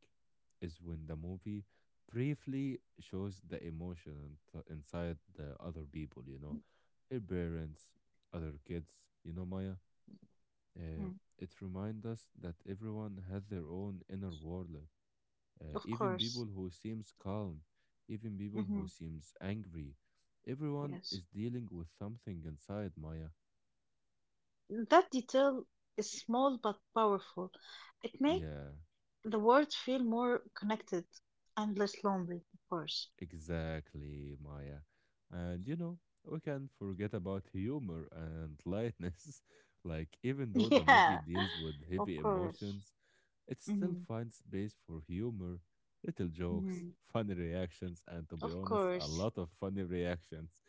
[SPEAKER 1] is when the movie briefly shows the inside the other people, you know, her parents, other kids, you know, Maya. Uh,
[SPEAKER 2] Mm,
[SPEAKER 1] it reminds us that everyone has their own inner world.
[SPEAKER 2] of
[SPEAKER 1] Even
[SPEAKER 2] course.
[SPEAKER 1] people who seems calm, even people who
[SPEAKER 2] Mm-hmm.
[SPEAKER 1] seems angry, everyone
[SPEAKER 2] Yes.
[SPEAKER 1] is dealing with something inside Maya.
[SPEAKER 2] That detail is small but powerful. It makes
[SPEAKER 1] Yeah.
[SPEAKER 2] the world feel more connected and less lonely, of course.
[SPEAKER 1] Exactly, Maya. And you know, we can forget about humor and lightness. Like, even though the
[SPEAKER 2] Yeah,
[SPEAKER 1] movie deals with
[SPEAKER 2] of
[SPEAKER 1] heavy
[SPEAKER 2] course.
[SPEAKER 1] emotions, it still
[SPEAKER 2] Hmm.
[SPEAKER 1] finds space for humor, little jokes,
[SPEAKER 2] Hmm.
[SPEAKER 1] funny reactions, and to be
[SPEAKER 2] Of
[SPEAKER 1] honest, a
[SPEAKER 2] course.
[SPEAKER 1] lot of funny reactions.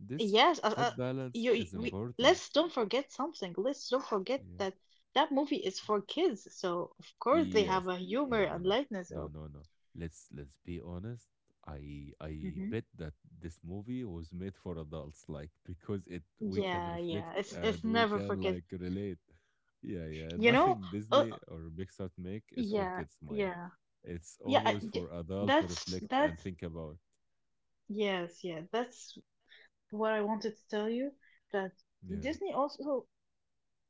[SPEAKER 1] This
[SPEAKER 2] Yes, uh, uh,
[SPEAKER 1] That
[SPEAKER 2] you,
[SPEAKER 1] balance
[SPEAKER 2] you-
[SPEAKER 1] is
[SPEAKER 2] we,
[SPEAKER 1] important.
[SPEAKER 2] let's don't forget something. Let's don't forget
[SPEAKER 1] Yeah.
[SPEAKER 2] that that movie is for kids, so of course they have
[SPEAKER 1] Yes.
[SPEAKER 2] a humor
[SPEAKER 1] No, no,
[SPEAKER 2] and
[SPEAKER 1] no.
[SPEAKER 2] lightness
[SPEAKER 1] No,
[SPEAKER 2] of.
[SPEAKER 1] no, no. Let's be honest. I
[SPEAKER 2] Mhm.
[SPEAKER 1] I bet that this movie was made for adults, like because it we can
[SPEAKER 2] Yeah, yeah.
[SPEAKER 1] reflect
[SPEAKER 2] It's
[SPEAKER 1] and we
[SPEAKER 2] never
[SPEAKER 1] can
[SPEAKER 2] forget.
[SPEAKER 1] like relate. Yeah, yeah.
[SPEAKER 2] You know,
[SPEAKER 1] Nothing
[SPEAKER 2] uh,
[SPEAKER 1] Disney or Pixar make is for
[SPEAKER 2] yeah,
[SPEAKER 1] kids, Maya.
[SPEAKER 2] yeah.
[SPEAKER 1] It's
[SPEAKER 2] Yeah, I-
[SPEAKER 1] always
[SPEAKER 2] j-
[SPEAKER 1] for adult to
[SPEAKER 2] that's
[SPEAKER 1] reflect and
[SPEAKER 2] that's
[SPEAKER 1] think about.
[SPEAKER 2] yes, yeah, that's what I wanted to tell you that
[SPEAKER 1] Yeah.
[SPEAKER 2] Disney also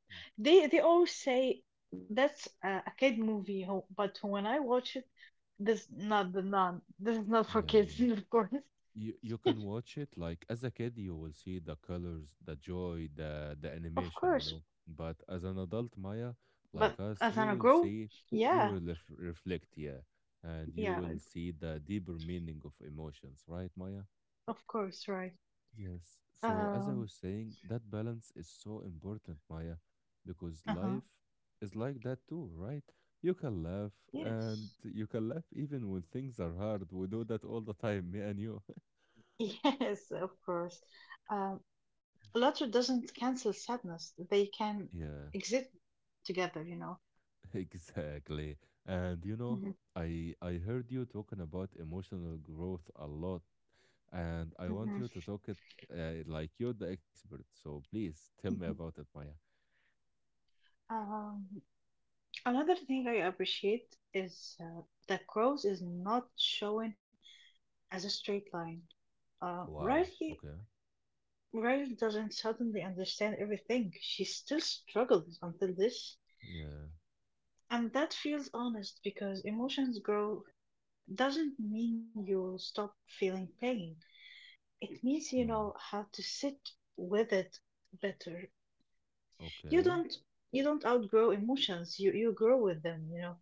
[SPEAKER 1] Mm.
[SPEAKER 2] they always say that's a kid movie, but when I watch it, this is not for
[SPEAKER 1] Yeah,
[SPEAKER 2] kids,
[SPEAKER 1] yeah,
[SPEAKER 2] of course,
[SPEAKER 1] you can watch it like as a kid. You will see the colors, the joy, the
[SPEAKER 2] of
[SPEAKER 1] animation, you
[SPEAKER 2] course.
[SPEAKER 1] know, but as an adult, Maya, like
[SPEAKER 2] But
[SPEAKER 1] us,
[SPEAKER 2] as
[SPEAKER 1] you
[SPEAKER 2] I'm
[SPEAKER 1] will
[SPEAKER 2] grown,
[SPEAKER 1] see, you
[SPEAKER 2] yeah,
[SPEAKER 1] will reflect, yeah, and you
[SPEAKER 2] yeah,
[SPEAKER 1] will see the deeper meaning of emotions, right, Maya?
[SPEAKER 2] of course, right.
[SPEAKER 1] Yes. So, as I
[SPEAKER 2] Um,
[SPEAKER 1] was saying, that balance is so important, Maya, because
[SPEAKER 2] uh-huh,
[SPEAKER 1] life is like that too, right? You can laugh and
[SPEAKER 2] yes,
[SPEAKER 1] you can laugh even when things are hard. We do that all the time, me and you.
[SPEAKER 2] yes, of course. Um, Laughter doesn't cancel sadness; they can
[SPEAKER 1] Yeah.
[SPEAKER 2] exist together, you know.
[SPEAKER 1] Exactly. And you know,
[SPEAKER 2] Mhm,
[SPEAKER 1] I heard you talking about emotional growth a lot, and I want
[SPEAKER 2] mhm,
[SPEAKER 1] you to talk it like you're the expert. So please tell me
[SPEAKER 2] mhm.
[SPEAKER 1] about it, Maya.
[SPEAKER 2] Um, Another thing I appreciate is that growth is not shown as a straight line. Uh,
[SPEAKER 1] Wow.
[SPEAKER 2] Riley,
[SPEAKER 1] Okay.
[SPEAKER 2] Riley doesn't suddenly understand everything. She still struggles until this,
[SPEAKER 1] Yeah.
[SPEAKER 2] and that feels honest because emotions grow doesn't mean you stop feeling pain. It means you
[SPEAKER 1] Yeah.
[SPEAKER 2] know how to sit with it better. You
[SPEAKER 1] Okay.
[SPEAKER 2] don't you don't outgrow emotions. You grow with them. You know.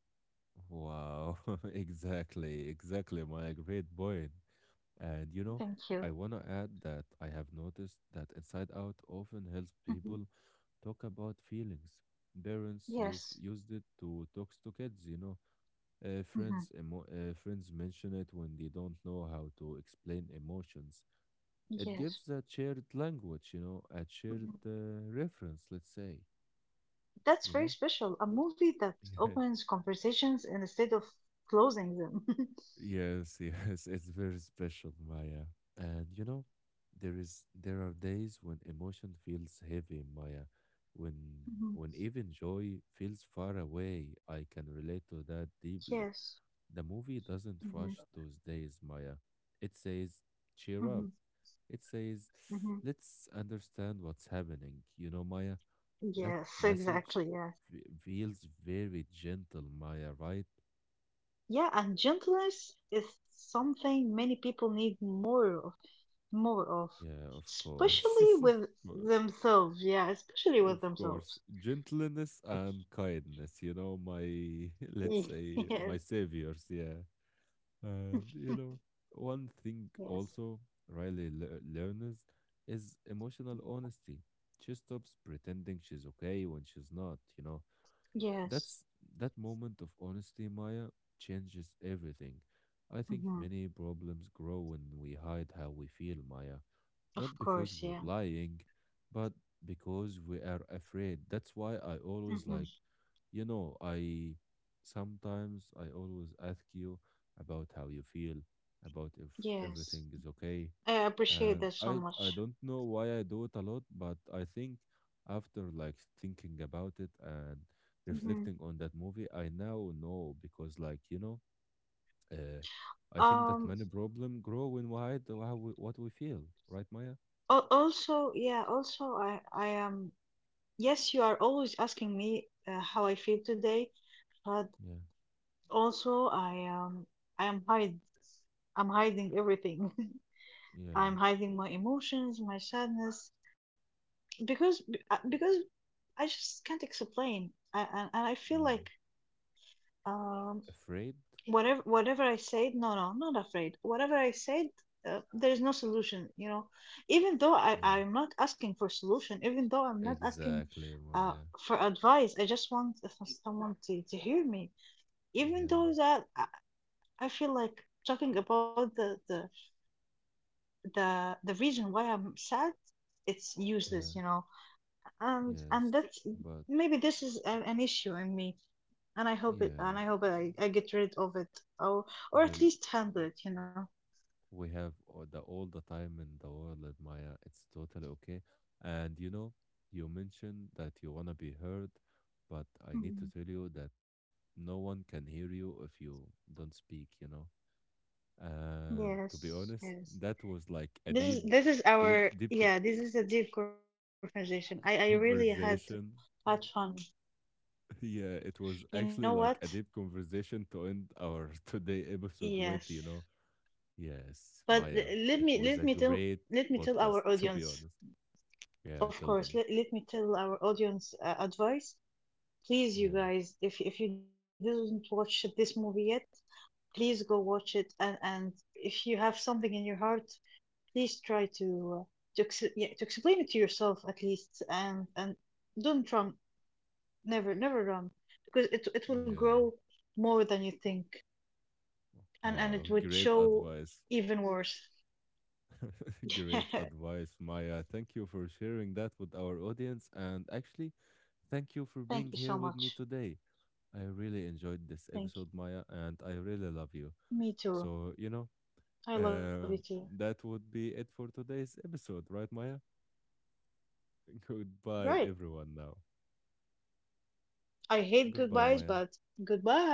[SPEAKER 1] Wow. Exactly. Exactly, Maya. Great point. And you know,
[SPEAKER 2] Thank you.
[SPEAKER 1] I want to add that I have noticed that Inside Out often helps
[SPEAKER 2] Mhm.
[SPEAKER 1] people talk about feelings. Parents use
[SPEAKER 2] Yes.
[SPEAKER 1] used it to talk to kids, you know.
[SPEAKER 2] Mhm.
[SPEAKER 1] Friends mention it when they don't know how to explain emotions. It
[SPEAKER 2] Yes.
[SPEAKER 1] gives a shared language, you know, a shared
[SPEAKER 2] Mhm.
[SPEAKER 1] reference. Let's say,
[SPEAKER 2] That's
[SPEAKER 1] you
[SPEAKER 2] very
[SPEAKER 1] know.
[SPEAKER 2] special. A movie that opens conversations instead of closing them.
[SPEAKER 1] Yes, yes, it's very special, Maya. And you know, there are days when emotion feels heavy, Maya.
[SPEAKER 2] Mhm.
[SPEAKER 1] When even joy feels far away, I can relate to that
[SPEAKER 2] Yes.
[SPEAKER 1] deeply. The movie
[SPEAKER 2] Hmm.
[SPEAKER 1] doesn't rush those days, Maya. It says,
[SPEAKER 2] Hmm.
[SPEAKER 1] cheer up. It says,
[SPEAKER 2] Hmm.
[SPEAKER 1] let's understand what's happening. You know, Maya, that
[SPEAKER 2] Yes, exactly.
[SPEAKER 1] message
[SPEAKER 2] Yes.
[SPEAKER 1] feels very gentle, Maya, right?
[SPEAKER 2] Yeah, and gentleness is something many people need more of,
[SPEAKER 1] Yeah, of
[SPEAKER 2] especially
[SPEAKER 1] course.
[SPEAKER 2] with
[SPEAKER 1] Of course.
[SPEAKER 2] themselves. Yeah, especially with
[SPEAKER 1] Of course,
[SPEAKER 2] themselves.
[SPEAKER 1] gentleness and kindness, you know, my, let's say, my
[SPEAKER 2] Yes.
[SPEAKER 1] saviors, yeah. And, you know, one thing
[SPEAKER 2] Yes.
[SPEAKER 1] also Riley learns is emotional honesty. She stops pretending she's okay when she's not, you know.
[SPEAKER 2] Yes.
[SPEAKER 1] That's that moment of honesty, Maya, changes everything. I think
[SPEAKER 2] Hmm.
[SPEAKER 1] many problems grow when we hide how we feel, Maya.
[SPEAKER 2] Of
[SPEAKER 1] Not because
[SPEAKER 2] course.
[SPEAKER 1] we're
[SPEAKER 2] Yeah.
[SPEAKER 1] lying, but because we are afraid. That's why I always like,
[SPEAKER 2] Mm-hmm.
[SPEAKER 1] you know, I always ask you about how you feel, about if
[SPEAKER 2] Yes,
[SPEAKER 1] everything is okay,
[SPEAKER 2] I appreciate
[SPEAKER 1] and
[SPEAKER 2] that so
[SPEAKER 1] I
[SPEAKER 2] much.
[SPEAKER 1] don't know why I do it a lot, but I think after like thinking about it and
[SPEAKER 2] Hmm.
[SPEAKER 1] reflecting on that movie, I now know because like, you know, uh, I think that
[SPEAKER 2] Um,
[SPEAKER 1] many problem grow when we hide how we, what we feel, right, Maya?
[SPEAKER 2] Also, yeah, also, yes, you are always asking me how I feel today, but
[SPEAKER 1] Yeah,
[SPEAKER 2] also I am hide, I'm hiding everything.
[SPEAKER 1] yeah,
[SPEAKER 2] I'm hiding my emotions, my sadness, because I just can't explain, and I feel
[SPEAKER 1] yeah.
[SPEAKER 2] like um,
[SPEAKER 1] Afraid?
[SPEAKER 2] whatever I said, no, no, I'm not afraid. Whatever I said, there is no solution. You know, even though
[SPEAKER 1] Yeah,
[SPEAKER 2] I'm not asking for solution, even though I'm not asking
[SPEAKER 1] exactly,
[SPEAKER 2] uh
[SPEAKER 1] Maya.
[SPEAKER 2] for advice, I just want someone to hear me. Even
[SPEAKER 1] Yeah,
[SPEAKER 2] though that I feel like talking about the reason why I'm sad, it's
[SPEAKER 1] yeah,
[SPEAKER 2] useless. You know, and
[SPEAKER 1] yes.
[SPEAKER 2] that's
[SPEAKER 1] But
[SPEAKER 2] maybe this is an issue in me.
[SPEAKER 1] yeah,
[SPEAKER 2] And I hope I get rid of it, or at
[SPEAKER 1] well.
[SPEAKER 2] least handle it, you know.
[SPEAKER 1] We have all the time in the world, Maya. It's totally okay. And you know, you mentioned that you wanna be heard, but I need to tell
[SPEAKER 2] Mhm.
[SPEAKER 1] you that no one can hear you if you don't speak, you know. And to be
[SPEAKER 2] Yes,
[SPEAKER 1] honest,
[SPEAKER 2] yes.
[SPEAKER 1] that was like a
[SPEAKER 2] This is
[SPEAKER 1] deep, deep
[SPEAKER 2] our,
[SPEAKER 1] co-
[SPEAKER 2] yeah, this is a deep conversation. I really
[SPEAKER 1] conversation.
[SPEAKER 2] had fun.
[SPEAKER 1] Yeah, it was
[SPEAKER 2] You
[SPEAKER 1] actually
[SPEAKER 2] know
[SPEAKER 1] like a
[SPEAKER 2] what?
[SPEAKER 1] deep conversation to end our today episode with, you
[SPEAKER 2] Yes.
[SPEAKER 1] know. Yes,
[SPEAKER 2] But
[SPEAKER 1] Maya, it was
[SPEAKER 2] let
[SPEAKER 1] a
[SPEAKER 2] me tell
[SPEAKER 1] great podcast,
[SPEAKER 2] our
[SPEAKER 1] to be
[SPEAKER 2] audience.
[SPEAKER 1] honest. Yeah,
[SPEAKER 2] Of
[SPEAKER 1] tell
[SPEAKER 2] course,
[SPEAKER 1] them.
[SPEAKER 2] let me tell our audience advice. Please, you
[SPEAKER 1] Yeah.
[SPEAKER 2] guys, if you didn't watch this movie yet, please go watch it. And if you have something in your heart, please try uh, to ex yeah, to explain it to yourself at least. And don't run. Never, never wrong. Because it will
[SPEAKER 1] Yeah.
[SPEAKER 2] grow more than you think, and
[SPEAKER 1] Wow,
[SPEAKER 2] it would
[SPEAKER 1] great
[SPEAKER 2] show
[SPEAKER 1] advice.
[SPEAKER 2] even worse.
[SPEAKER 1] Great advice, Maya. Thank you for sharing that with our audience. And actually, thank you for
[SPEAKER 2] Thank you
[SPEAKER 1] being
[SPEAKER 2] so
[SPEAKER 1] here with
[SPEAKER 2] much.
[SPEAKER 1] me today. I really enjoyed this
[SPEAKER 2] Thank
[SPEAKER 1] episode, Maya, and I really love you.
[SPEAKER 2] you. Me too.
[SPEAKER 1] So, you know,
[SPEAKER 2] I love you too.
[SPEAKER 1] that would be it for today's episode, right, Maya?
[SPEAKER 2] Right.
[SPEAKER 1] Goodbye, everyone, now.
[SPEAKER 2] I hate goodbyes,
[SPEAKER 1] Goodbye,
[SPEAKER 2] but
[SPEAKER 1] Maya.
[SPEAKER 2] goodbye.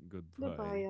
[SPEAKER 2] Goodbye, y'all.
[SPEAKER 1] Goodbye.